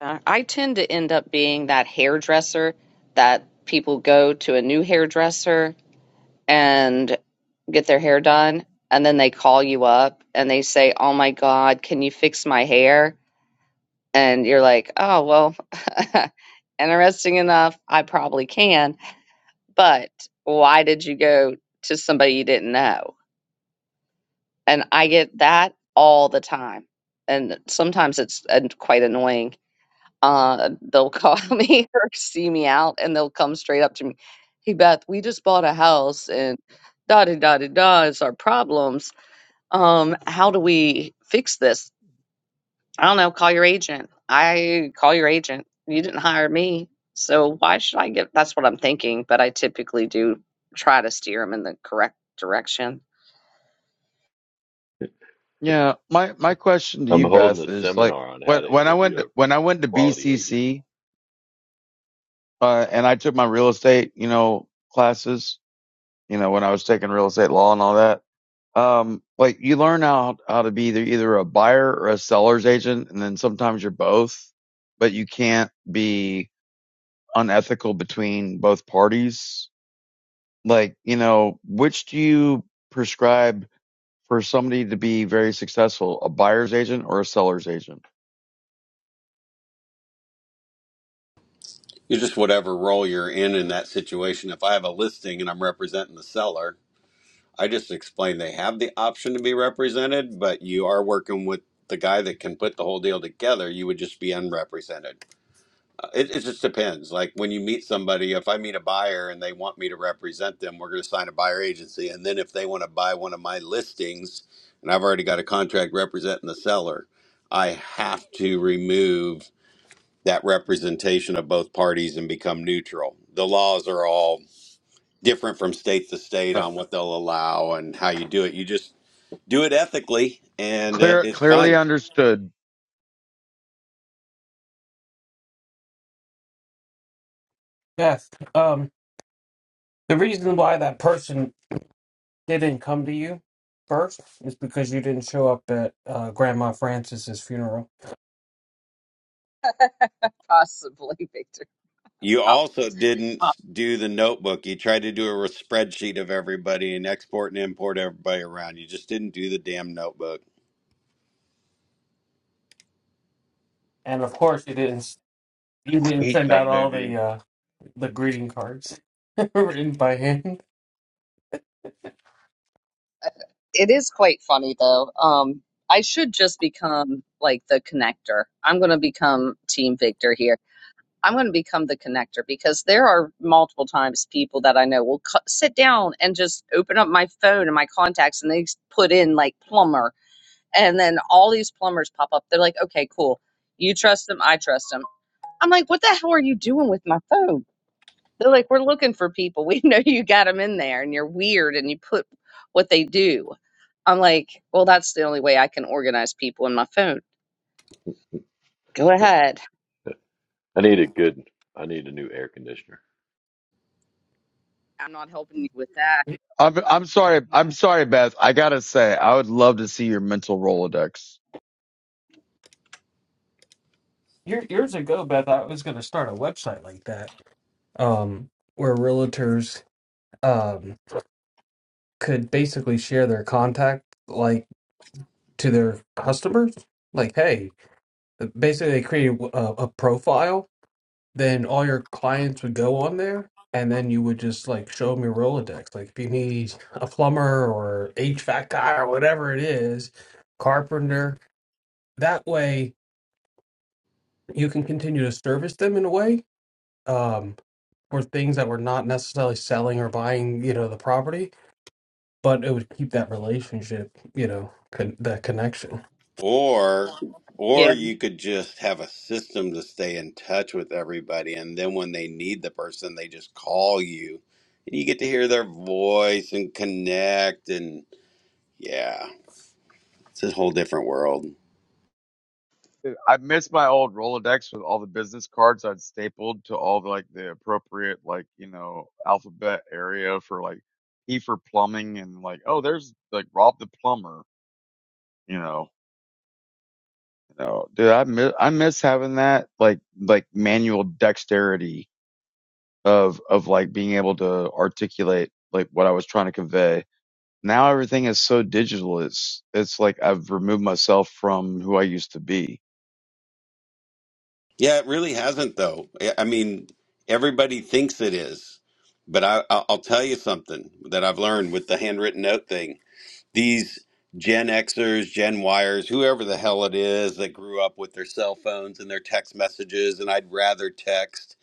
Uh, I tend to end up being that hairdresser that people go to a new hairdresser and get their hair done, and then they call you up and they say, "Oh my God, can you fix my hair?" and you're like, oh, well, [laughs] interesting enough, I probably can, but why did you go to somebody you didn't know? And I get that all the time. And sometimes it's uh, quite annoying. Uh, they'll call [laughs] me or see me out and they'll come straight up to me. Hey, Beth, we just bought a house and da da da da da is our problems. Um, how do we fix this? I don't know, call your agent. I call your agent. You didn't hire me. So why should I get that's what I'm thinking, but I typically do try to steer them in the correct direction. [laughs] Yeah, my my question to I'm you, holding Beth, a is like seminar on how when to when I interview went a to, when I went to quality agent. BCC uh, and I took my real estate, you know, classes, you know, when I was taking real estate law and all that. Um, like you learn how how to be either either a buyer or a seller's agent, and then sometimes you're both, but you can't be unethical between both parties. Like you know, which do you prescribe for somebody to be very successful, a buyer's agent or a seller's agent? You just whatever role you're in in that situation. If I have a listing and I'm representing the seller, I just explained they have the option to be represented, but you are working with the guy that can put the whole deal together. You would just be unrepresented. Uh, It, it just depends. Like when you meet somebody, if I meet a buyer and they want me to represent them, we're going to sign a buyer agency. And then if they want to buy one of my listings and I've already got a contract representing the seller, I have to remove that representation of both parties and become neutral. The laws are all different from state to state on what they'll allow and how you do it. You just do it ethically and uh, Clear, it's clearly fine understood. Yes. Um, the reason why that person didn't come to you first is because you didn't show up at uh, Grandma Francis's funeral, Possibly, [laughs] Victor. you Prob- also didn't prob- do the notebook you tried to do a spreadsheet of everybody and export and import everybody around you just didn't do the damn notebook and of course you didn't. You didn't Hate send that out all movie. the uh, the greeting cards [laughs] written by hand. It is quite funny though. Um, I should just become like the connector. I'm going to become Team Victor here. I'm going to become the connector because there are multiple times people that I know will cu- sit down and just open up my phone and my contacts and they s- put in like plumber. And then all these plumbers pop up. They're like, okay, cool. You trust them. I trust them. I'm like, what the hell are you doing with my phone? They're like, we're looking for people. [laughs] We know you got them in there and you're weird and you put what they do. I'm like, well, that's the only way I can organize people in my phone. Go [laughs] ahead. I need a good, I need a new air conditioner. I'm not helping you with that. I'm, I'm sorry. I'm sorry, Beth. I gotta say, I would love to see your mental Rolodex. Year, years ago, Beth, I was going to start a website like that, um, where realtors um, could basically share their contact, like to their customers. Like, hey, basically, they create a, a profile then all your clients would go on there and then you would just like show them your Rolodex. Like if you need a plumber or HVAC guy or whatever it is, carpenter, that way you can continue to service them in a way um, for things that were not necessarily selling or buying, you know, the property, but it would keep that relationship, you know, con- that connection. or or Yeah. you could just have a system to stay in touch with everybody and then when they need the person they just call you and you get to hear their voice and connect and yeah it's a whole different world I miss my old Rolodex with all the business cards I'd stapled to all the, like the appropriate like you know alphabet area for like P for plumbing and like oh there's like Rob the plumber you know you know dude I miss I miss having that like like manual dexterity of of like being able to articulate like what I was trying to convey now everything is so digital. It's it's like I've removed myself from who I used to be. Yeah, it really hasn't though. I I mean, everybody thinks it is, but I, I'll I'll tell you something that I've learned with the handwritten note thing. These Gen Xers, Gen Yers, whoever the hell it is that grew up with their cell phones and their text messages, and I'd rather text.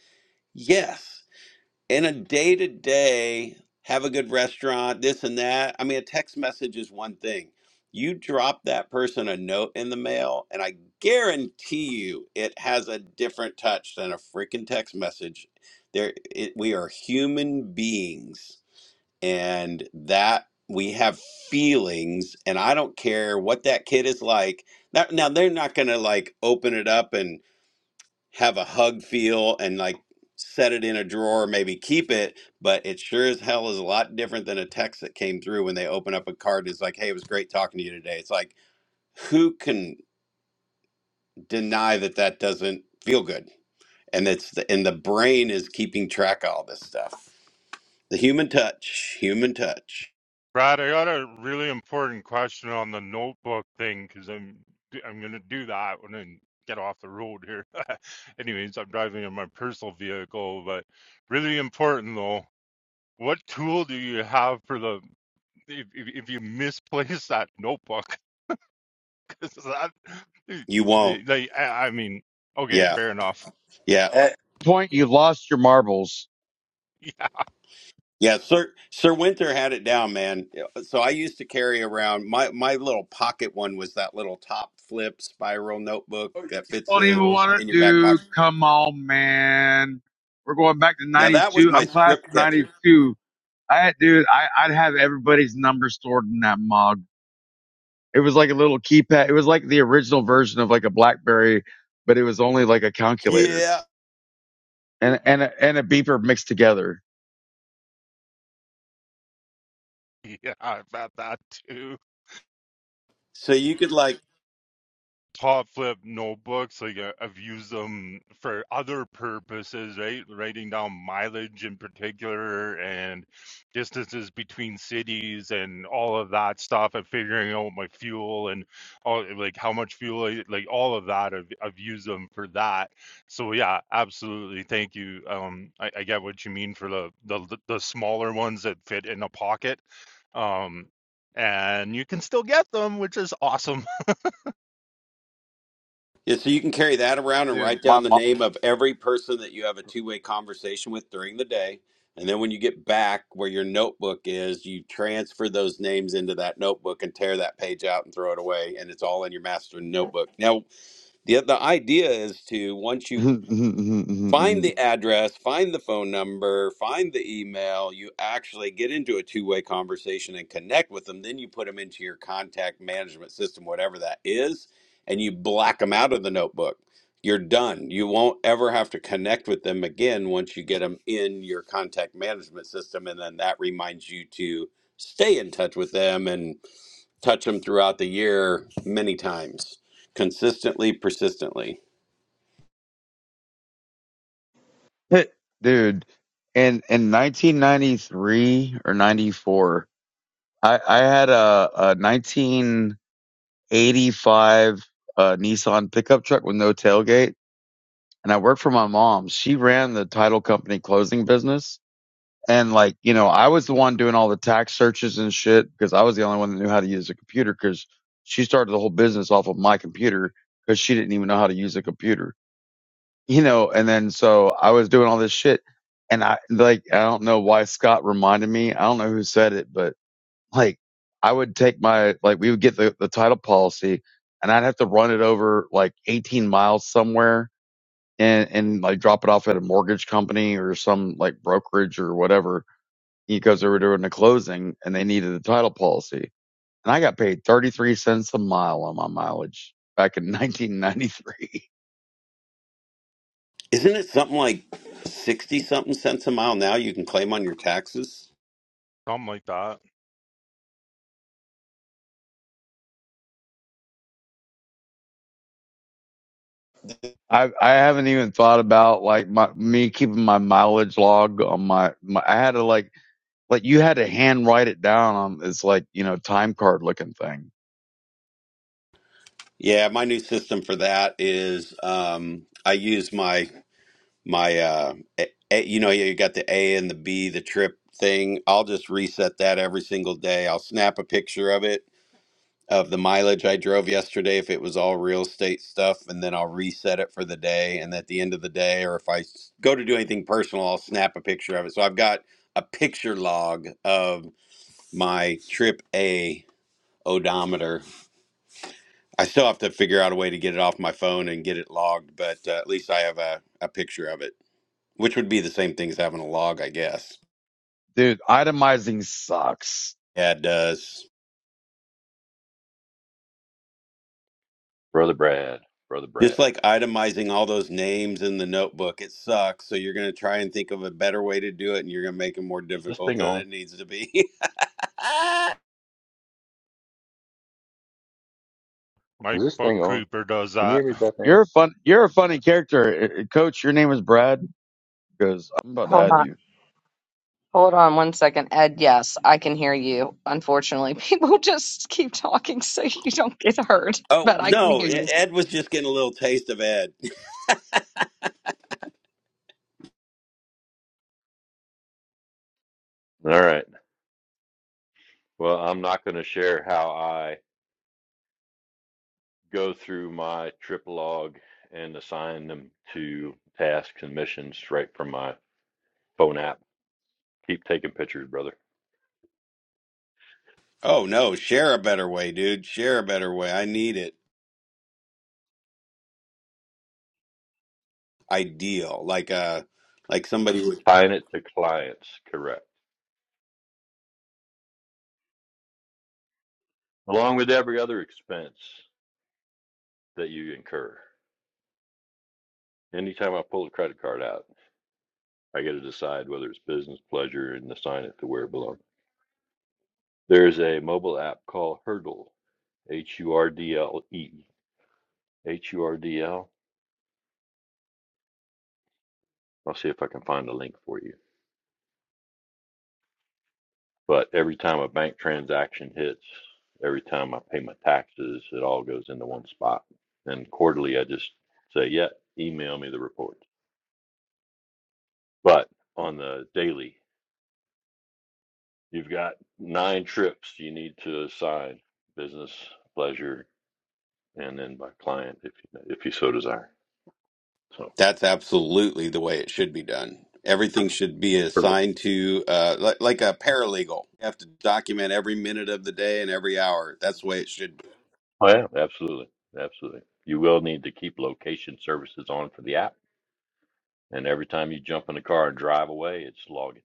Yes in a day to day, have a good restaurant, this and that. I mean, a text message is one thing. You drop that person a note in the mail, and I guarantee you it has a different touch than a freaking text message. There, it, we are human beings, and that we have feelings, and I don't care what that kid is like. That, now, they're not going to like open it up and have a hug feel and like set it in a drawer, maybe keep it, but it sure as hell is a lot different than a text that came through when they open up a card it's like, hey, it was great talking to you today. It's like, who can deny that that doesn't feel good? And it's the, and the brain is keeping track of all this stuff. The human touch, human touch. [laughs] brad i got a really important question on the notebook thing because i'm i'm going to do that when i get off the road here [laughs] anyways i'm driving in my personal vehicle but really important though what tool do you have for the if, if, if you misplace that notebook This is- I, You won't. like, I I mean, okay, Yeah. fair enough. [laughs] Yeah. Eh, Point, you lost your marbles. Yeah, Yeah, Sir Sir Winter had it down, man. So I used to carry around my my little pocket one was that little top flip spiral notebook that fits Don't uh even those. want to in your back do. pocket. Come on, man. We're going back to Now that was 92. my I'm class script of catcher. 92. I, dude, I, I'd have everybody's number stored in that mug. It was like a little keypad. It was like the original version of like a Blackberry, but it was only like a calculator Yeah. and, and, a, and a beeper mixed together. Yeah, about that too. So you could like top flip notebooks like uh, i've used them for other purposes right writing down mileage in particular and distances between cities and all of that stuff and figuring out my fuel and all like how much fuel I, like all of that I've, I've used them for that so yeah absolutely thank you um i, I get what you mean for the, the the smaller ones that fit in a pocket um and you can still get them which is awesome Yeah, so you can carry that around and Dude, write my down the mom. name of every person that you have a two way conversation with during the day. And then when you get back where your notebook is, you transfer those names into that notebook and tear that page out and throw it away. And it's all in your master notebook. Now, the, the idea is to, once you [laughs] find the address, find the phone number, find the email. You actually get into a two way conversation and connect with them. Then you put them into your contact management system, whatever that is, and you black them out of the notebook. You're done. You won't ever have to connect with them again once you get them in your contact management system. And then that reminds you to stay in touch with them and touch them throughout the year many times, consistently, persistently. [laughs] Dude, in in 1993 or 94, I I had a a 1985 uh Nissan pickup truck with no tailgate, and I worked for my mom. She ran the title company closing business, and like, you know, I was the one doing all the tax searches and shit because I was the only one that knew how to use a computer because she started the whole business off of my computer because she didn't even know how to use a computer you know, and then so I was doing all this shit and I like I don't know why Scott reminded me. I don't know who said it, but like I would take my like we would get the, the title policy and I'd have to run it over like eighteen miles somewhere and and like drop it off at a mortgage company or some like brokerage or whatever because they were doing a closing and they needed the title policy. And I got paid thirty three cents a mile on my mileage back in [laughs] 1993. Isn't it something like 60 something cents a mile now you can claim on your taxes? [laughs] something like that I I haven't even thought about like my me keeping my mileage log on my, my I had to like like you had to hand write it down on this like you know time card looking thing, Yeah, my new system for that is um, I use my my uh, a, A- you know yeah, you got the A and the B the trip thing. I'll just reset that every single day. I'll snap a picture of it of the mileage I drove yesterday if it was all real estate stuff and then I'll reset it for the day and at the end of the day or if I s- go to do anything personal I'll snap a picture of it. So I've got a picture log of my trip A odometer. I still have to figure out a way to get it off my phone and get it logged, but uh, at least I have a, a picture of it, which would be the same thing as having a log, I guess. dude. Itemizing sucks. Yeah, it does. Brother Brad, Brother Brad. Just like itemizing all those names in the notebook, it sucks. So you're going to try and think of a better way to do it, and you're going to make it more this difficult thing than on? it needs to be. [laughs] oh, My Is this thing on? bookkeeper does Can you that. hear me, Beth Ann? You're a fun. You're a funny character, Uh, uh, Coach. Your name is Brad because I'm about to hold on. add you. Hold on one second, Ed. Yes, I can hear you. Unfortunately, [laughs] people just keep talking so you don't get heard, but I can no. hear E- you. Ed was just getting a little taste of Ed. All right. Well, I'm not going to share how I go through my trip log and assign them to tasks and missions right from my phone app. Keep taking pictures, brother. Oh, no. Share a better way, dude. Share a better way. I need it. ideal like uh like somebody would Tying it to clients, correct. Along with every other expense that you incur. Anytime I pull a credit card out, I get to decide whether it's business, pleasure, and assign it to where it belongs. There's a mobile app called Hurdle, H U R D L E, H U R D L. I'll see if I can find a link for you. But every time a bank transaction hits, every time I pay my taxes, it all goes into one spot. And quarterly, I just say, yeah, email me the report. But on the daily, you've got nine trips you need to assign business, pleasure, and then by client if you, if you so desire. So, that's absolutely the way it should be done everything should be hurdle. assigned to uh like, like a paralegal you have to document every minute of the day and every hour that's the way it should be Oh yeah, absolutely, absolutely. You will need to keep location services on for the app, and every time you jump in the car and drive away, it's logging.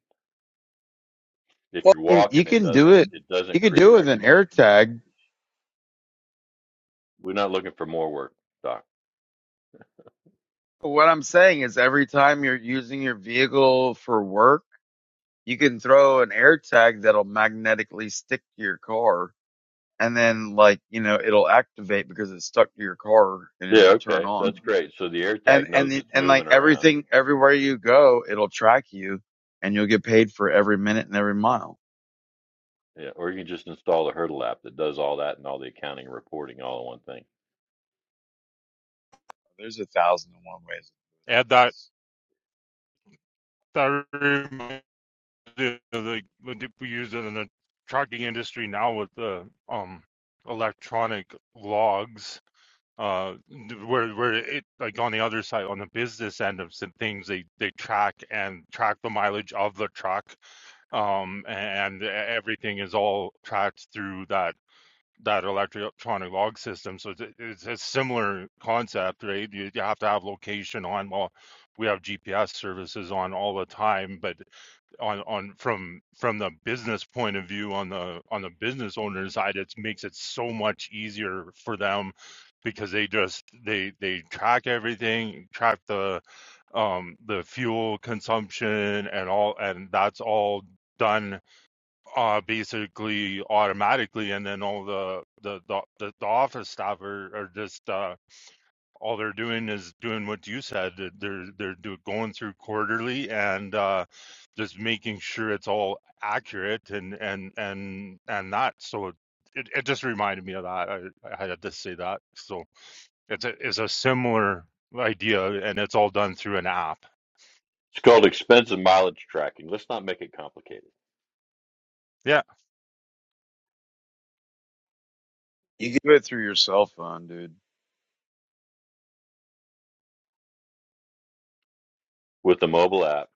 If Well, you're you you walking, it can do doesn't it. it You doesn't can do create it with an records. air tag. We're not looking for more work, Doc. But What I'm saying is, every time you're using your vehicle for work, you can throw an air tag that'll magnetically stick to your car and then like you know it'll activate because it's stuck to your car and Yeah, it'll turn okay, on that's Mm-hmm. great. So the AirTag and knows and the, it's and moving like around. everything everywhere you go it'll track you and you'll get paid for every minute and every mile Yeah, or you can just install the Hurdle app that does all that and all the accounting and reporting all in one thing. there's a thousand and one ways Add that. That reminded me of the we use it in the trucking industry now with the um electronic logs. Uh, where where it like on the other side on the business end of some things they they track and track the mileage of the truck. Um, and e-, everything is all tracked through that that electronic log system. So it's, a- it's a similar concept, right? You, you have to have location on. Well, we have GPS services on all the time, but on on from from the business point of view, on the on the business owner side, it makes it so much easier for them because they just they they track everything track the um the fuel consumption and all and that's all done uh basically automatically and then all the the the, the office staff are, are just uh all they're doing is doing what you said they're they're do, going through quarterly and uh just making sure it's all accurate and and and and that so it, it just reminded me of that I, I had to say that so it's a it's a similar idea and it's all done through an app It's called expense and mileage tracking. Let's not make it complicated. yeah you can do it through your cell phone dude With the mobile app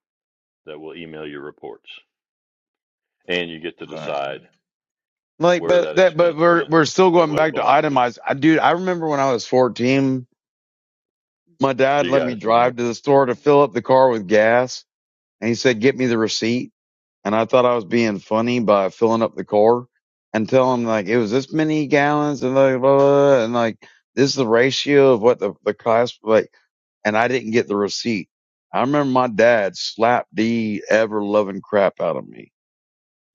that will email your reports. and you get to Exactly. decide like where but that that but expense we're went we're still and going what it back to belonged to. itemized I, dude i remember when i was 14 my See dad you let guys. me drive to the store to fill up the car with gas and he said get me the receipt and I thought I was being funny by filling up the car and telling them like it was this many gallons and like blah, blah, blah, and like this is the ratio of what the the cost like and I didn't get the receipt. I remember my dad slapped the ever loving crap out of me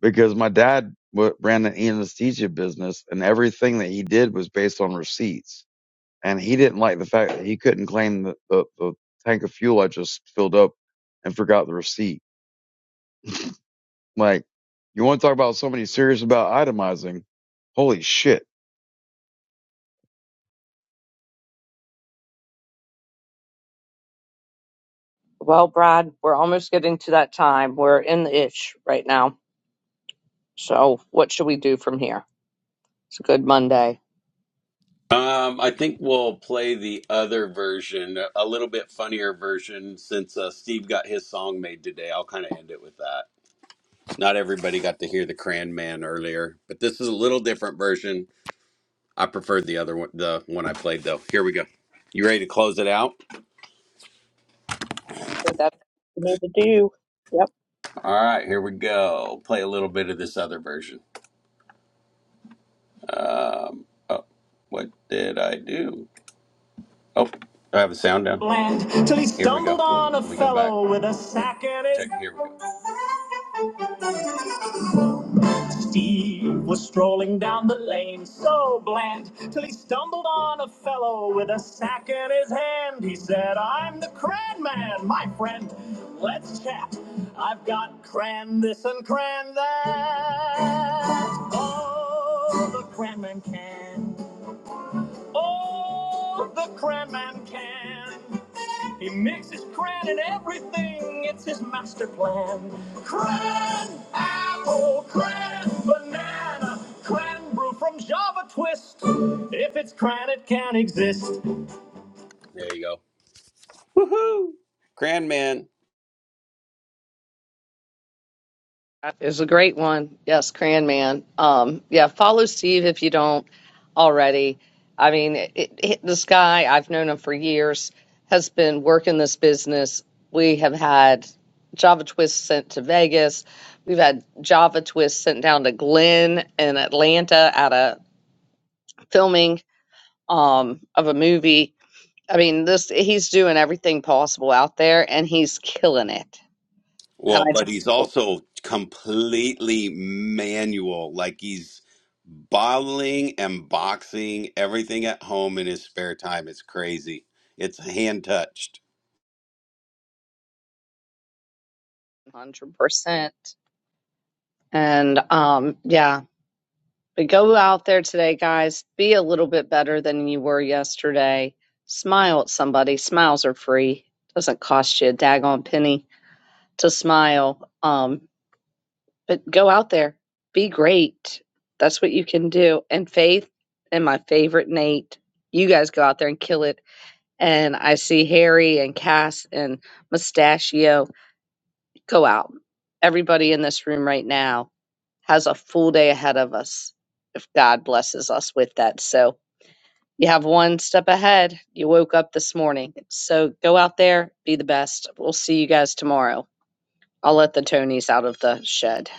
because my dad wa- ran an anesthesia business and everything that he did was based on receipts. And he didn't like the fact that he couldn't claim the, the, the tank of fuel I just filled up and forgot the receipt like, you want to talk about somebody serious about itemizing? Holy shit. Well, Brad, we're almost getting to that time. We're in the itch right now. So, what should we do from here? It's a good Monday. Um, I think we'll play the other version, a little bit funnier version, since uh, Steve got his song made today. I'll kind of end it with that. Not everybody got to hear the Cran Man earlier, but this is a little different version. I preferred the other one, the one I played though. Here we go. You ready to close it out? I think that's what we need to do. All right, here we go. Play a little bit of this other version. Um, oh, what did I do? Oh, I have a sound down. Land till he stumbled on a fellow with a sack in his. Check. Here we go. Steve was strolling down the lane, so bland, till he stumbled on a fellow with a sack in his hand. He said, I'm the Cran Man, my friend. Let's chat. I've got cran this and cran that. Oh, the Cran Man can. Oh, the cran man can. He mixes cran in everything, it's his master plan. Cran apple, cran banana, cran brew from Java Twist. If it's cran, it can not exist. There you go. Cran man. That is a great one. Yes, Cran Man. Um, yeah, follow Steve if you don't already. I mean, it, it, this guy, I've known him for years, has been working this business. We have had Java Twist sent to Vegas. We've had Java Twist sent down to Glenn in Atlanta at a filming um, of a movie. I mean, this he's doing everything possible out there, and he's killing it. And Well, I but tell he's you, also completely manual. Like he's bottling and boxing everything at home in his spare time. It's crazy. It's hand touched. 100%. And um, yeah, but go out there today, guys. Be a little bit better than you were yesterday. Smile at somebody. Smiles are free. Doesn't cost you a daggone penny to smile. Um, but go out there. Be great. That's what you can do. And Faith and my favorite Nate, you guys go out there and kill it. And I see Harry and Cass and Mustachio go out. Everybody in this room right now has a full day ahead of us if God blesses us with that. So you have one step ahead. You woke up this morning. So go out there, be the best. We'll see you guys tomorrow. I'll let the Tonys out of the shed.